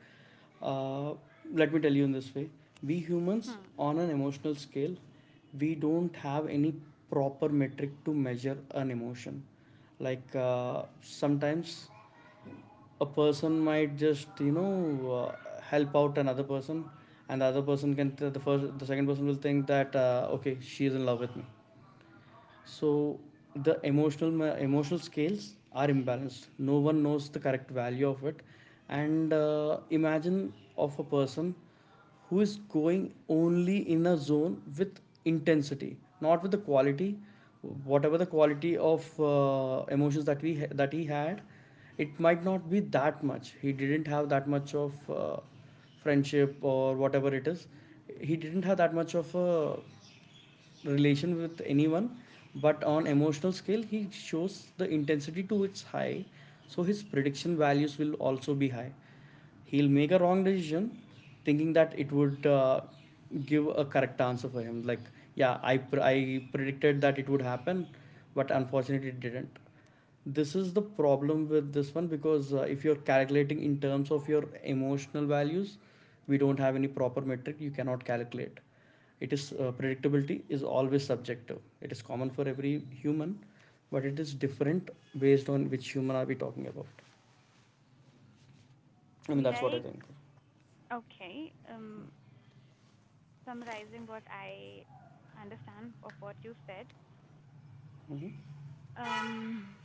Speaker 2: uh, Let me tell you in this way, we humans,
Speaker 1: hmm.
Speaker 2: on an emotional scale, we don't have any proper metric to measure an emotion. Like sometimes a person might just uh, help out another person, and the other person can, the second person will think that okay, she is in love with me. So the emotional scales are imbalanced, no one knows the correct value of it. And imagine of a person who is going only in a zone with intensity, not with the quality. Whatever the quality of emotions that that he had, it might not be that much. He didn't have that much of friendship or whatever it is. He didn't have that much of a relation with anyone, but on emotional scale he shows the intensity to its high, so his prediction values will also be high. He'll make a wrong decision thinking that it would give a correct answer for him, like, yeah, I predicted that it would happen, but unfortunately it didn't. This is the problem with this one, because if you're calculating in terms of your emotional values, we don't have any proper metric, you cannot calculate. It is predictability is always subjective, it is common for every human, but it is different based on which human are we talking about. I mean, that's what I
Speaker 1: Like,
Speaker 2: think.
Speaker 1: okay, summarizing what I understand of what
Speaker 2: Mm-hmm,
Speaker 1: um,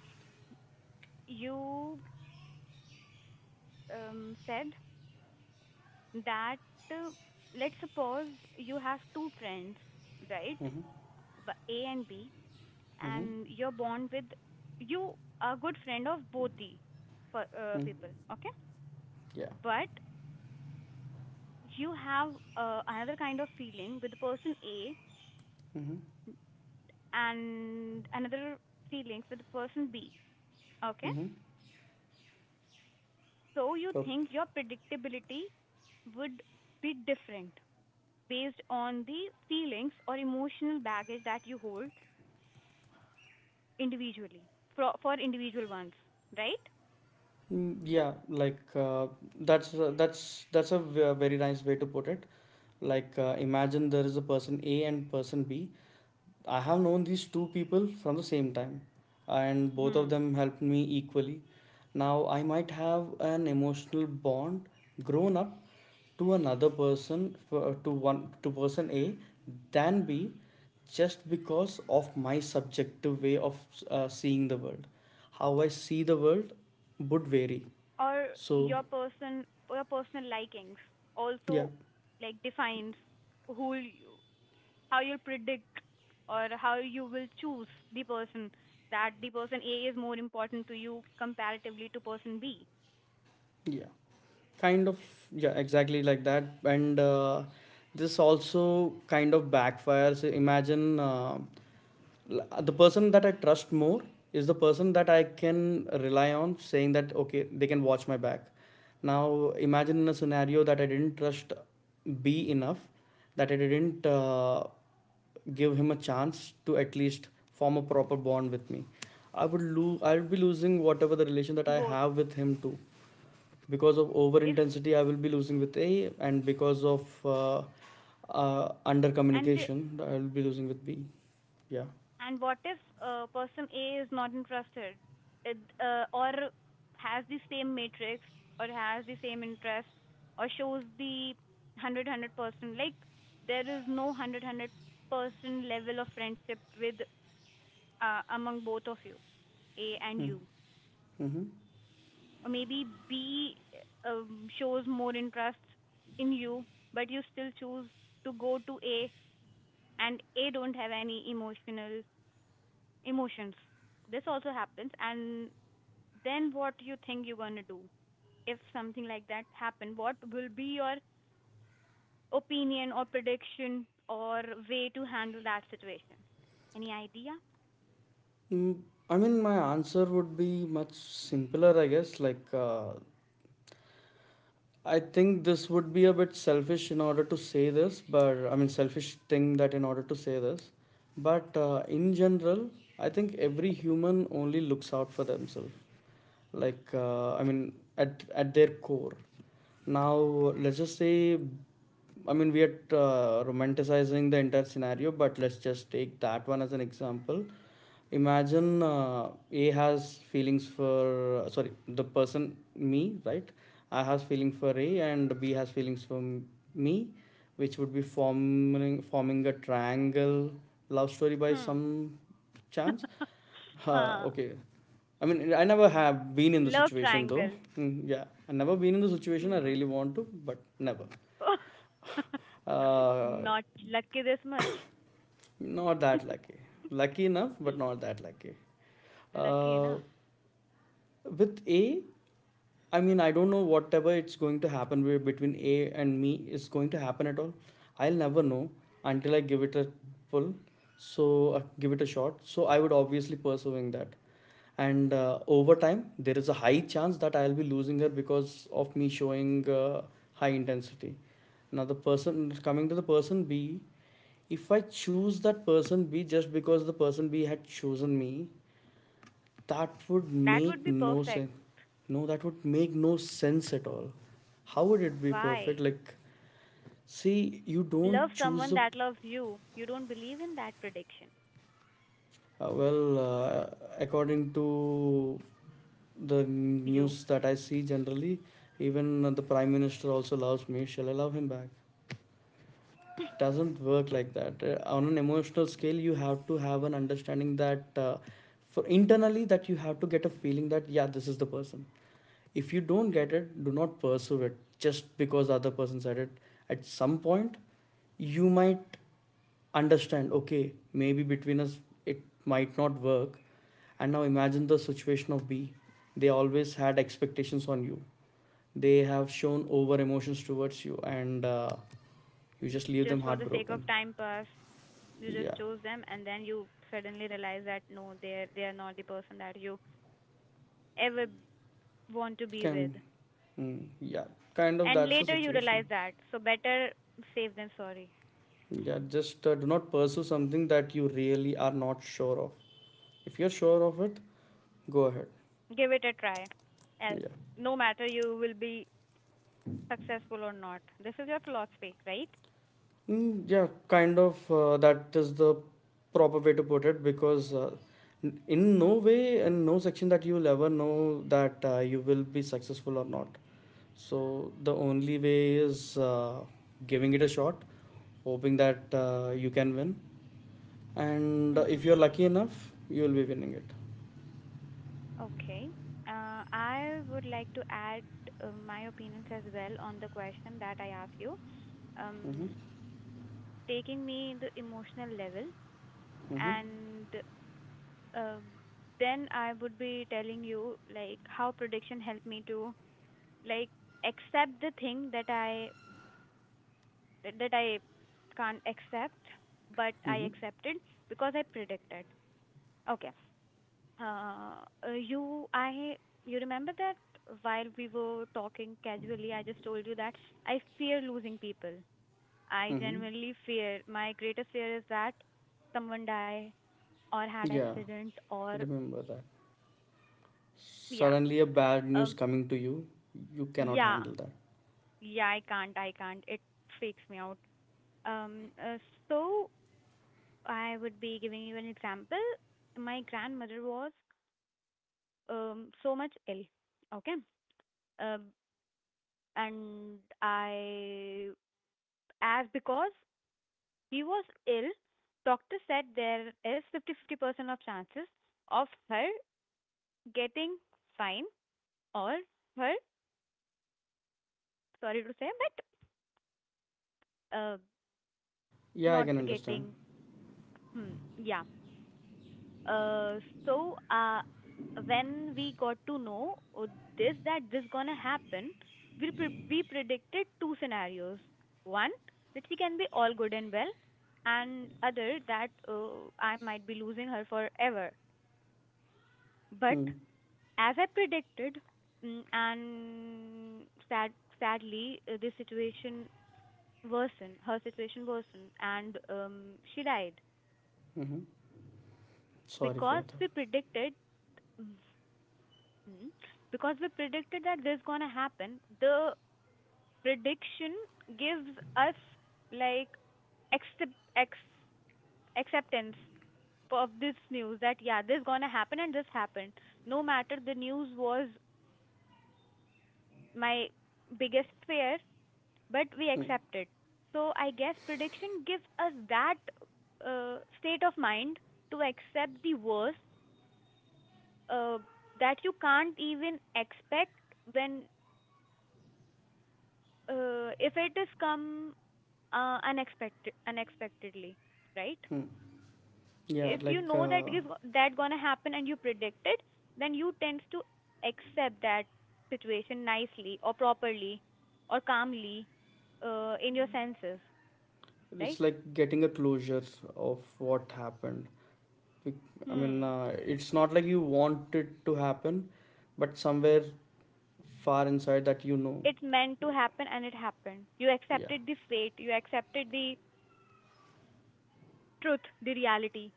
Speaker 1: you um, said that uh, let's suppose you have two friends, right?
Speaker 2: mm-hmm,
Speaker 1: A and B,
Speaker 2: mm-hmm,
Speaker 1: and you're born with, you are good friend of both the people,
Speaker 2: mm,
Speaker 1: okay?
Speaker 2: yeah,
Speaker 1: But you have another kind of feeling with the person A,
Speaker 2: mm-hmm,
Speaker 1: and another feelings with the person B. Okay?
Speaker 2: mm-hmm.
Speaker 1: So you
Speaker 2: So,
Speaker 1: think your predictability would be different based on the feelings or emotional baggage that you hold individually, for individual ones, right?
Speaker 2: mm, yeah, like that's that's a very nice way to put it. Like imagine there is a person A and person B. I have known these two people from the same time, and both of
Speaker 1: Hmm.
Speaker 2: them helped me equally. Now, I might have an emotional bond grown up to another person, to one, to person A, than B, just because of my subjective way of seeing the world. How I see the world would vary.
Speaker 1: Or
Speaker 2: So,
Speaker 1: your person, your personal likings
Speaker 2: yeah,
Speaker 1: also like defines who how you'll predict, or how you will choose the person, that the person A is more important to you comparatively to person B.
Speaker 2: yeah. Kind of, yeah, exactly like that. And this also kind of backfires. Imagine the person that I trust more is the person that I can rely on, saying that okay, they can watch my back. Now imagine in a scenario that I didn't trust B enough, that I didn't give him a chance to at least form a proper bond with me. I would be losing whatever the relation that I
Speaker 1: Both
Speaker 2: have with him too, because of over
Speaker 1: if
Speaker 2: intensity I will be losing with A, and because of under
Speaker 1: and
Speaker 2: communication I will be losing with B. Yeah.
Speaker 1: and what if person A is not interested, or has the same matrix, or has the same interest, or shows the hundred hundred 100 person, like there is no hundred hundred 100-person level of friendship with among both of you, A and you,
Speaker 2: Mm-hmm.
Speaker 1: or maybe B shows more interest in you, but you still choose to go to A, and A don't have any emotional emotions. This also happens, and then what you think you're gonna do if something like that happen? What will be your opinion or prediction or way to handle that situation? Any idea?
Speaker 2: Mm, I mean, my answer would be much simpler, I guess. Like I think this would be a bit selfish in order to say this, but I mean, selfish thing that in order to say this. But in general, I think every human only looks out for themselves. Like I mean, at their core. Now, let's just say, I mean, we are romanticizing the entire scenario, but let's just take that one as an example. Imagine A has feelings for, sorry, the person, me, right? I has feeling for A and B has feelings for me, which would be forming a triangle love story by
Speaker 1: Hmm.
Speaker 2: some chance.
Speaker 1: Huh.
Speaker 2: Okay, I mean, I never have been in the
Speaker 1: Love
Speaker 2: situation though.
Speaker 1: triangle.
Speaker 2: Mm, yeah, I never been in the situation. I
Speaker 1: Hmm.
Speaker 2: really want to, but never. Uh,
Speaker 1: Not lucky this much.
Speaker 2: not that lucky. Lucky enough, but not that lucky.
Speaker 1: Lucky
Speaker 2: Uh,
Speaker 1: enough.
Speaker 2: with A, I mean, I don't know whatever it's going to happen between A and me is going to happen at all. I'll never know until I give it a pull. So give it a shot. So I would obviously pursuing that. And over time there is a high chance that I'll be losing her because of me showing high intensity. Now, the person B, if I choose that person B just because the person B had chosen me, that would
Speaker 1: That would
Speaker 2: make
Speaker 1: be
Speaker 2: no
Speaker 1: perfect.
Speaker 2: sense. No, that would make no sense at all. How would it be perfect,
Speaker 1: Why?
Speaker 2: like? See, you
Speaker 1: Love
Speaker 2: don't choose
Speaker 1: someone
Speaker 2: a
Speaker 1: that loves you. You don't believe in that prediction.
Speaker 2: well according to the
Speaker 1: You,
Speaker 2: news that I see generally, even the prime minister also loves me. Shall I love him back? It doesn't work like that. On an emotional scale, you have to have an understanding that for internally that you have to get a feeling that yeah, this is the person. If you don't get it, do not pursue it just because the other person said it. At some point, you might understand. Okay, maybe between us it might not work. And now imagine the situation of B. They always had expectations on you, they have shown over emotions towards you, and you just leave them
Speaker 1: just for the sake
Speaker 2: heartbroken.
Speaker 1: of time pass, you just
Speaker 2: Yeah,
Speaker 1: chose them and then you suddenly realize that no, they are not the person that you ever want to be with.
Speaker 2: can, mm, yeah, kind of
Speaker 1: And
Speaker 2: that's the
Speaker 1: later you
Speaker 2: situation.
Speaker 1: realize that. So better safe than sorry. Give
Speaker 2: Yeah, just do not pursue something that you really are not sure of. If you're sure of it, go ahead.
Speaker 1: it a try. Uh,
Speaker 2: Yeah.
Speaker 1: No matter you will be successful or not. This is your philosophy, right?
Speaker 2: Mm, yeah, kind of. That is the proper way to put it, because in no way, in no section that you'll ever know that you will be successful or not. So the only way is giving it a shot, hoping that you can win, and
Speaker 1: Mm-hmm.
Speaker 2: if you're lucky enough, you'll be winning it.
Speaker 1: Okay. I would like to add my opinions as well on the question that I asked you.
Speaker 2: Mm-hmm.
Speaker 1: Um, Taking me the emotional level,
Speaker 2: Mm-hmm.
Speaker 1: and uh, then I would be telling you like how prediction helped me to like accept the thing that I can't accept, but I
Speaker 2: Mm-hmm.
Speaker 1: accepted because I predicted. Okay. Uh, uh, you, I, you remember that while we were talking casually, I just told you that I fear losing people. I
Speaker 2: Mm-hmm.
Speaker 1: genuinely fear. My greatest fear is that someone die or had
Speaker 2: Yeah,
Speaker 1: accident, or
Speaker 2: remember that.
Speaker 1: yeah,
Speaker 2: Suddenly, a bad news
Speaker 1: um,
Speaker 2: coming to you, you cannot
Speaker 1: yeah,
Speaker 2: handle that.
Speaker 1: yeah. I can't. I can't. It freaks me out. Um, uh, so I would be giving you an example. My grandmother was so much ill. Okay. Um, and I As because he was ill, doctor said theres is 50-50 50-50% of chances of her getting fine, or her, sorry to say,
Speaker 2: Yeah.
Speaker 1: but
Speaker 2: Yeah, I
Speaker 1: not
Speaker 2: can understand.
Speaker 1: getting, hmm, yeah. So when we got to know that this gonna happen, we predicted two scenarios. One, that she can be all good and well, and other that I might be losing her forever. But
Speaker 2: Hmm.
Speaker 1: as I predicted, and sad, sadly, the situation worsened. Her situation worsened, and she died
Speaker 2: Mm-hmm. Sorry for
Speaker 1: because
Speaker 2: that.
Speaker 1: we predicted. Mhm. Because we predicted that this gonna happen. The prediction gives us like accept ex, acceptance of this news that yeah, this gonna happen and this happened. No matter the news was my biggest fear, but we accept it. So I guess prediction gives us that state of mind to accept the worst uh, that you can't even expect when if it is come unexpectedly, right?
Speaker 2: Hmm. Yeah,
Speaker 1: If you
Speaker 2: like
Speaker 1: know that give that gonna happen and you predict it, then you tends to accept that situation nicely or properly or calmly in your senses, right?
Speaker 2: it's like getting a closure of what happened. Bec- I mean,
Speaker 1: Hmm.
Speaker 2: it's not like you want it to happen, but somewhere far inside that you know.
Speaker 1: It meant to happen and it happened. You
Speaker 2: Yeah.
Speaker 1: accepted the fate, you accepted the truth, the reality.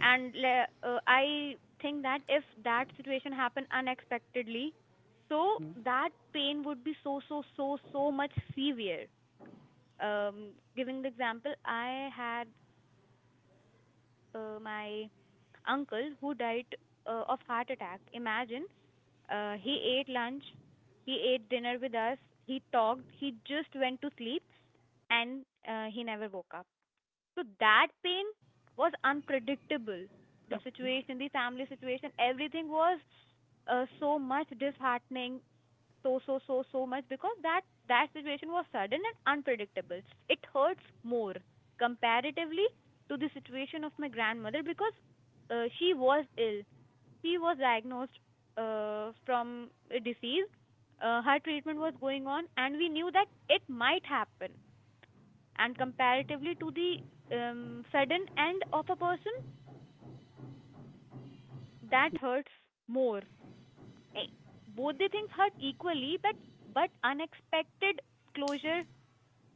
Speaker 1: And I think that if that situation happened unexpectedly, so
Speaker 2: Mhm.
Speaker 1: that pain would be so, so, so, so much severe. Giving the example, I had my uncle who died of heart attack. Imagine, he ate lunch, he ate dinner with us, he talked, he just went to sleep, and he never woke up. So that pain was unpredictable. The, yeah, situation, the family situation, everything was so much disheartening so so so so much because that situation was sudden and unpredictable, it hurts more comparatively to the situation of my grandmother because she was ill, she was diagnosed from a disease. Uh, her treatment was going on and we knew that it might happen. And comparatively to the sudden end of a person, that hurts more. Eh, Both the things hurt equally, but unexpected closure,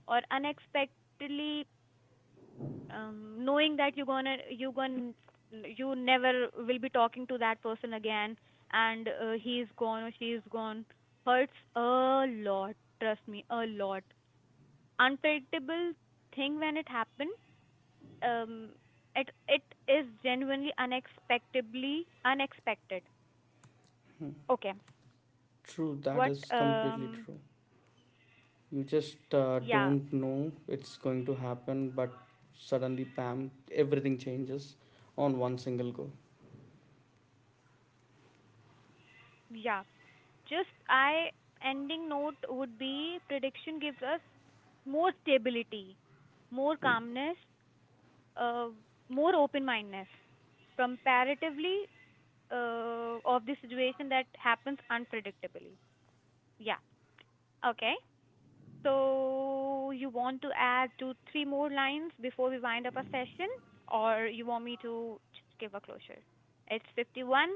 Speaker 1: or unexpectedly, knowing that you never will be talking to that person again, and he's gone or she's gone, hurts a lot, trust me, a lot. Unpredictable thing, when it happened, um it is genuinely unexpectedly unexpected. Okay.
Speaker 2: True, that
Speaker 1: What?
Speaker 2: is completely true. You just
Speaker 1: Yeah,
Speaker 2: don't know it's going to happen, but suddenly, bam, everything changes on one single go.
Speaker 1: yeah. Just I ending note would be prediction gives us more stability, more calmness, uh, more open mindedness comparatively of the situation that happens unpredictably. Yeah. Okay. So you want to add two, three more lines before we wind up our session, or you want me to just give a closure? It's 51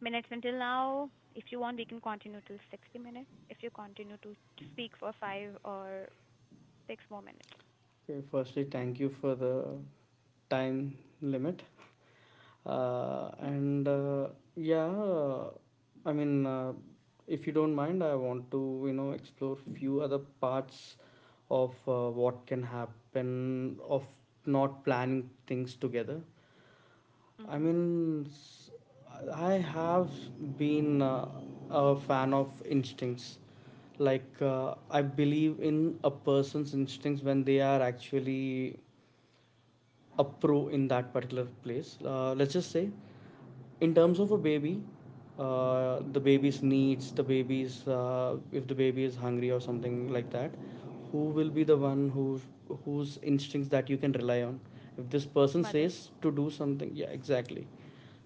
Speaker 1: minutes until now. If you want, we can continue till 60 minutes. If you continue to speak for 5 or 6 more minutes.
Speaker 2: Okay, firstly, thank you for the time limit, and yeah, I mean, if you don't mind, I want to, you know, explore few other parts of what can happen of not planning things together. I
Speaker 1: Mm-hmm.
Speaker 2: mean, s- I have been a fan of instincts. Like I believe in a person's instincts when they are actually a pro in that particular place. Uh, let's just say in terms of a baby, the baby's, if the baby is hungry or something like that, who will be the one whose instincts that you can rely on? If this person
Speaker 1: Mother.
Speaker 2: says to do something, yeah, exactly.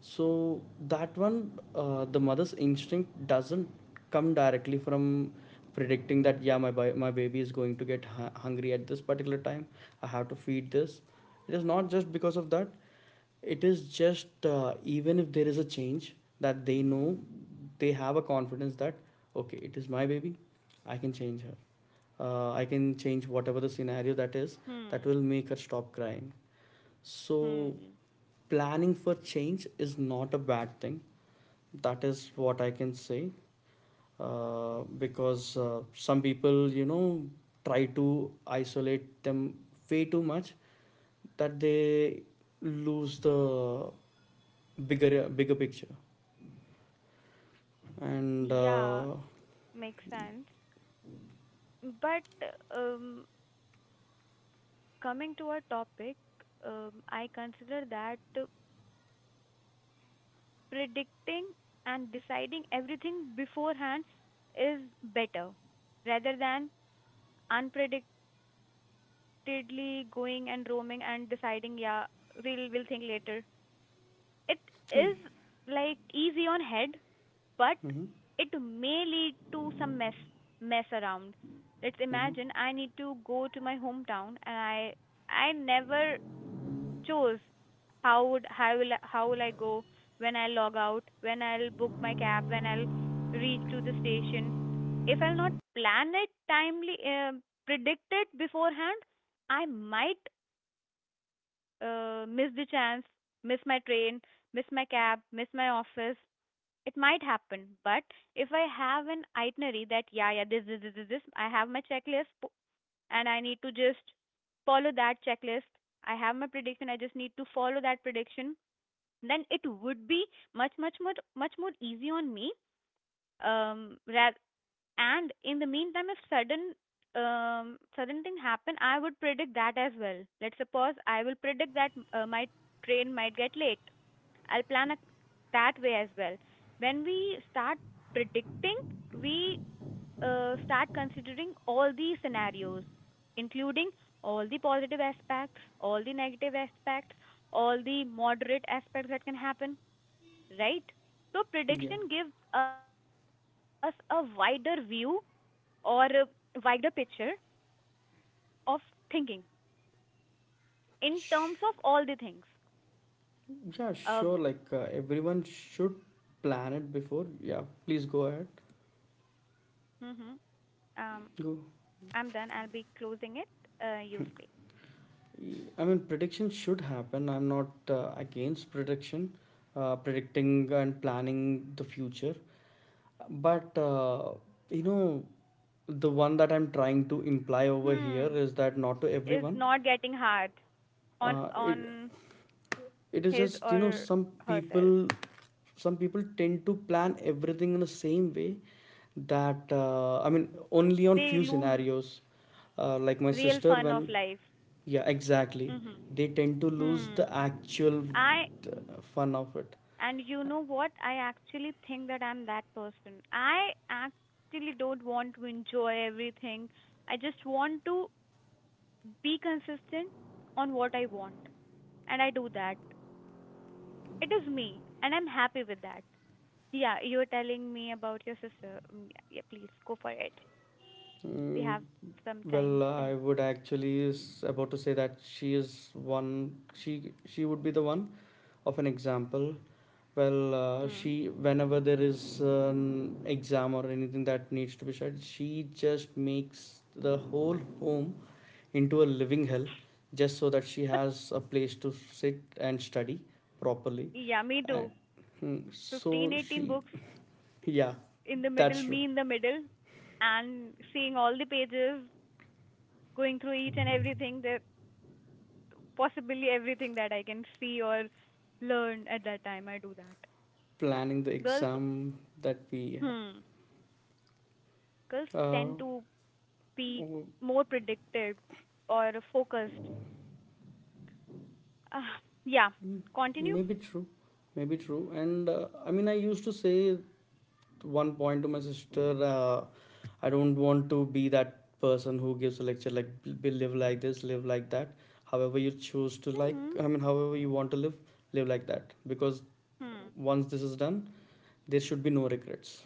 Speaker 2: So that one, the mother's instinct doesn't come directly from predicting that yeah, my baby is going to get hungry at this particular time, I have to feed this. It is not just because of that. It is just even if there is a change, that they know, they have a confidence that okay, it is my baby, I can change her, I can change whatever the scenario that is, that will
Speaker 1: Hmm.
Speaker 2: make her stop crying. So
Speaker 1: Hmm.
Speaker 2: planning for change is not a bad thing. That is what I can say. Because some people, you know, try to isolate them way too much that they lose the bigger picture. And
Speaker 1: Yeah, makes sense. But um, coming to our topic, I consider that predicting and deciding everything beforehand is better rather than unpredictedly going and roaming and deciding, yeah, we'll think later. It is like easy on head, but
Speaker 2: mhm,
Speaker 1: it may lead to some mess around. Let's
Speaker 2: mhm.
Speaker 1: imagine I need to go to my hometown and I never chose how will I go, when I log out, when I'll book my cab, when I'll reach to the station. If I'll not plan it timely, predict it beforehand, I might miss the chance, miss my train, miss my cab, miss my office. It might happen, but if I have an itinerary that yeah, yeah, this, I have my checklist and I need to just follow that checklist. I have my prediction. I just need to follow that prediction. Then it would be much, much, much, much more easy on me. Um, ra- and in the meantime, if sudden thing happen, I would predict that as well. Let's suppose I will predict that my train might get late. I'll plan that way as well. When we start predicting, we start considering all the scenarios, including all the positive aspects, all the negative aspects, all the moderate aspects that can happen, right? So
Speaker 2: Yeah,
Speaker 1: prediction gives us a wider view, or a wider picture of thinking in terms of all the things.
Speaker 2: yeah,
Speaker 1: Uh,
Speaker 2: sure. Like everyone should plan it before. Yeah, please go ahead.
Speaker 1: hmm um,
Speaker 2: Go.
Speaker 1: I'm done. I'll be closing it. You speak.
Speaker 2: I mean, prediction should happen. I'm not against prediction, predicting and planning the future. But you know, the one that I'm trying to imply over here
Speaker 1: Hmm,
Speaker 2: is that not to
Speaker 1: is
Speaker 2: everyone.
Speaker 1: not getting hard on
Speaker 2: Uh,
Speaker 1: on
Speaker 2: it is
Speaker 1: his
Speaker 2: just, you know,
Speaker 1: or
Speaker 2: some people,
Speaker 1: herself.
Speaker 2: tend to plan everything in the same way that I mean only on
Speaker 1: They
Speaker 2: few
Speaker 1: lose
Speaker 2: scenarios. Uh, like my
Speaker 1: real
Speaker 2: sister,
Speaker 1: fun
Speaker 2: when,
Speaker 1: of life.
Speaker 2: yeah, exactly,
Speaker 1: Hmm.
Speaker 2: they tend to lose
Speaker 1: Hmm.
Speaker 2: the actual
Speaker 1: I
Speaker 2: fun of it.
Speaker 1: And you know what? I actually think that I'm that person. I actually don't want to enjoy everything. I just want to be consistent on what I want, and I do that. It is me, and I'm happy with that. Yeah, you were telling me about your sister. Mm, yeah, yeah, please go for it. We
Speaker 2: Mm,
Speaker 1: have some time
Speaker 2: well,
Speaker 1: still.
Speaker 2: I would actually is about to say that she is one. She would be the one of an example. Well,
Speaker 1: Hmm.
Speaker 2: she, whenever there is an exam or anything that needs to be shared, she just makes the whole home into a living hell, just so that she has a place to sit and study properly.
Speaker 1: Yeah, me
Speaker 2: And
Speaker 1: too.
Speaker 2: hmm,
Speaker 1: 15,
Speaker 2: so
Speaker 1: 18
Speaker 2: she,
Speaker 1: books
Speaker 2: yeah,
Speaker 1: in the middle,
Speaker 2: that's true.
Speaker 1: me in the middle, and seeing all the pages, going through each and everything that possibly everything that I can see or learn at that time. I do that.
Speaker 2: Planning the
Speaker 1: Girls,
Speaker 2: exam that we,
Speaker 1: hmm, girls
Speaker 2: uh,
Speaker 1: tend to be more predictive or focused. Uh, yeah,
Speaker 2: mm,
Speaker 1: continue.
Speaker 2: maybe true, maybe true. And I mean, I used to say at one point to my sister, I don't want to be that person who gives a lecture like live like this, live like that. However, you choose to, like,
Speaker 1: Hmm.
Speaker 2: I mean, however you want to live, live like that. Because
Speaker 1: Hmm.
Speaker 2: once this is done, there should be no regrets.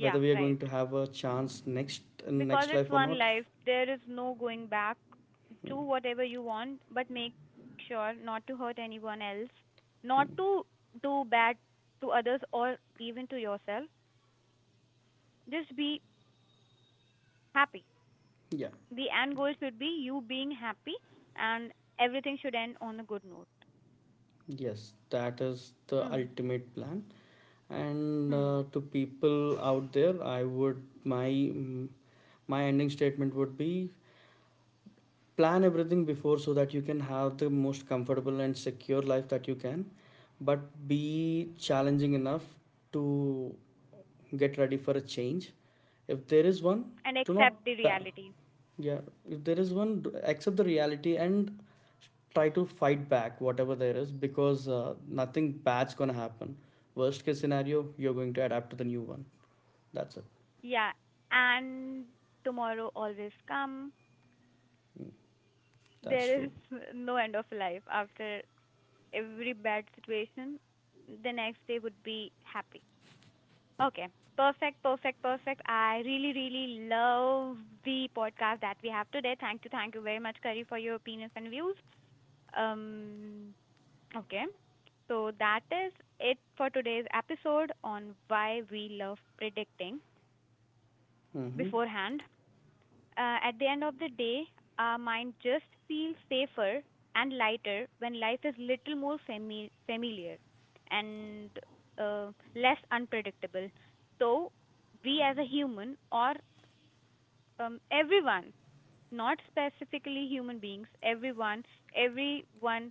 Speaker 2: Whether we are going
Speaker 1: right.
Speaker 2: to have a chance next in
Speaker 1: Because
Speaker 2: next
Speaker 1: it's
Speaker 2: life or
Speaker 1: one
Speaker 2: not,
Speaker 1: life, there is no going back. Do whatever you want, but make sure not to hurt anyone else, not to do bad to others or even to yourself. Just be happy.
Speaker 2: yeah.
Speaker 1: The end goal should be you being happy, and everything should end on a good note.
Speaker 2: Yes, that is the
Speaker 1: Mm.
Speaker 2: ultimate plan. And
Speaker 1: Hmm.
Speaker 2: to people out there, I would, my, mm, my ending statement would be, plan everything before so that you can have the most comfortable and secure life that you can, but be challenging enough to get ready for a change. If there is one,
Speaker 1: And
Speaker 2: do not
Speaker 1: accept the
Speaker 2: pa-
Speaker 1: reality.
Speaker 2: yeah, if there is one, accept the reality and try to fight back whatever there is, because nothing bad's gonna happen. Worst case scenario, you're going to adapt to the new one. That's it.
Speaker 1: Yeah, and tomorrow always come.
Speaker 2: That's
Speaker 1: There is
Speaker 2: true.
Speaker 1: no end of life after every bad situation. The next day would be happy. Okay. Perfect, perfect, perfect. I really, really love the podcast that we have today. Thank you very much, Kari, for your opinions and views. Um, okay. So that is it for today's episode on why we love predicting
Speaker 2: Mm-hmm.
Speaker 1: beforehand. At the end of the day, our mind just feels safer and lighter when life is little more familiar and less unpredictable. So, we as a human, or everyone, not specifically human beings, everyone, everyone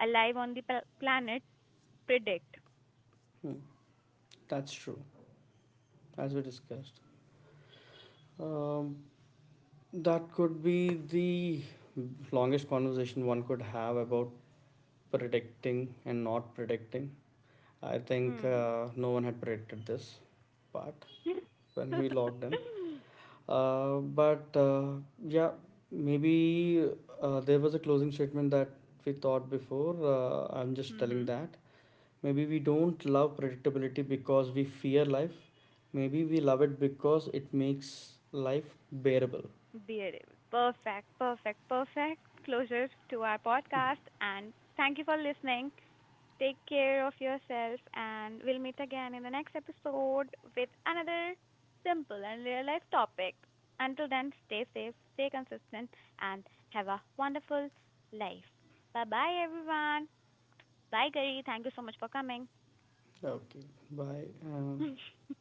Speaker 1: alive on the planet, predict.
Speaker 2: That's true. As we discussed, um, that could be the longest conversation one could have about predicting and not predicting. I think
Speaker 1: Hmm.
Speaker 2: no one had predicted this part when we logged in. But yeah, maybe there was a closing statement that we thought before. I'm just telling
Speaker 1: Mhm.
Speaker 2: that. Maybe we don't love predictability because we fear life. Maybe we love it because it makes life bearable.
Speaker 1: Beautiful. Perfect, perfect, perfect closure to our podcast. And thank you for listening. Take care of yourself, and we'll meet again in the next episode with another simple and real life topic. Until then, stay safe, stay consistent, and have a wonderful life. Bye bye, everyone. Bye, Gary. Thank you so much for coming.
Speaker 2: Okay, bye.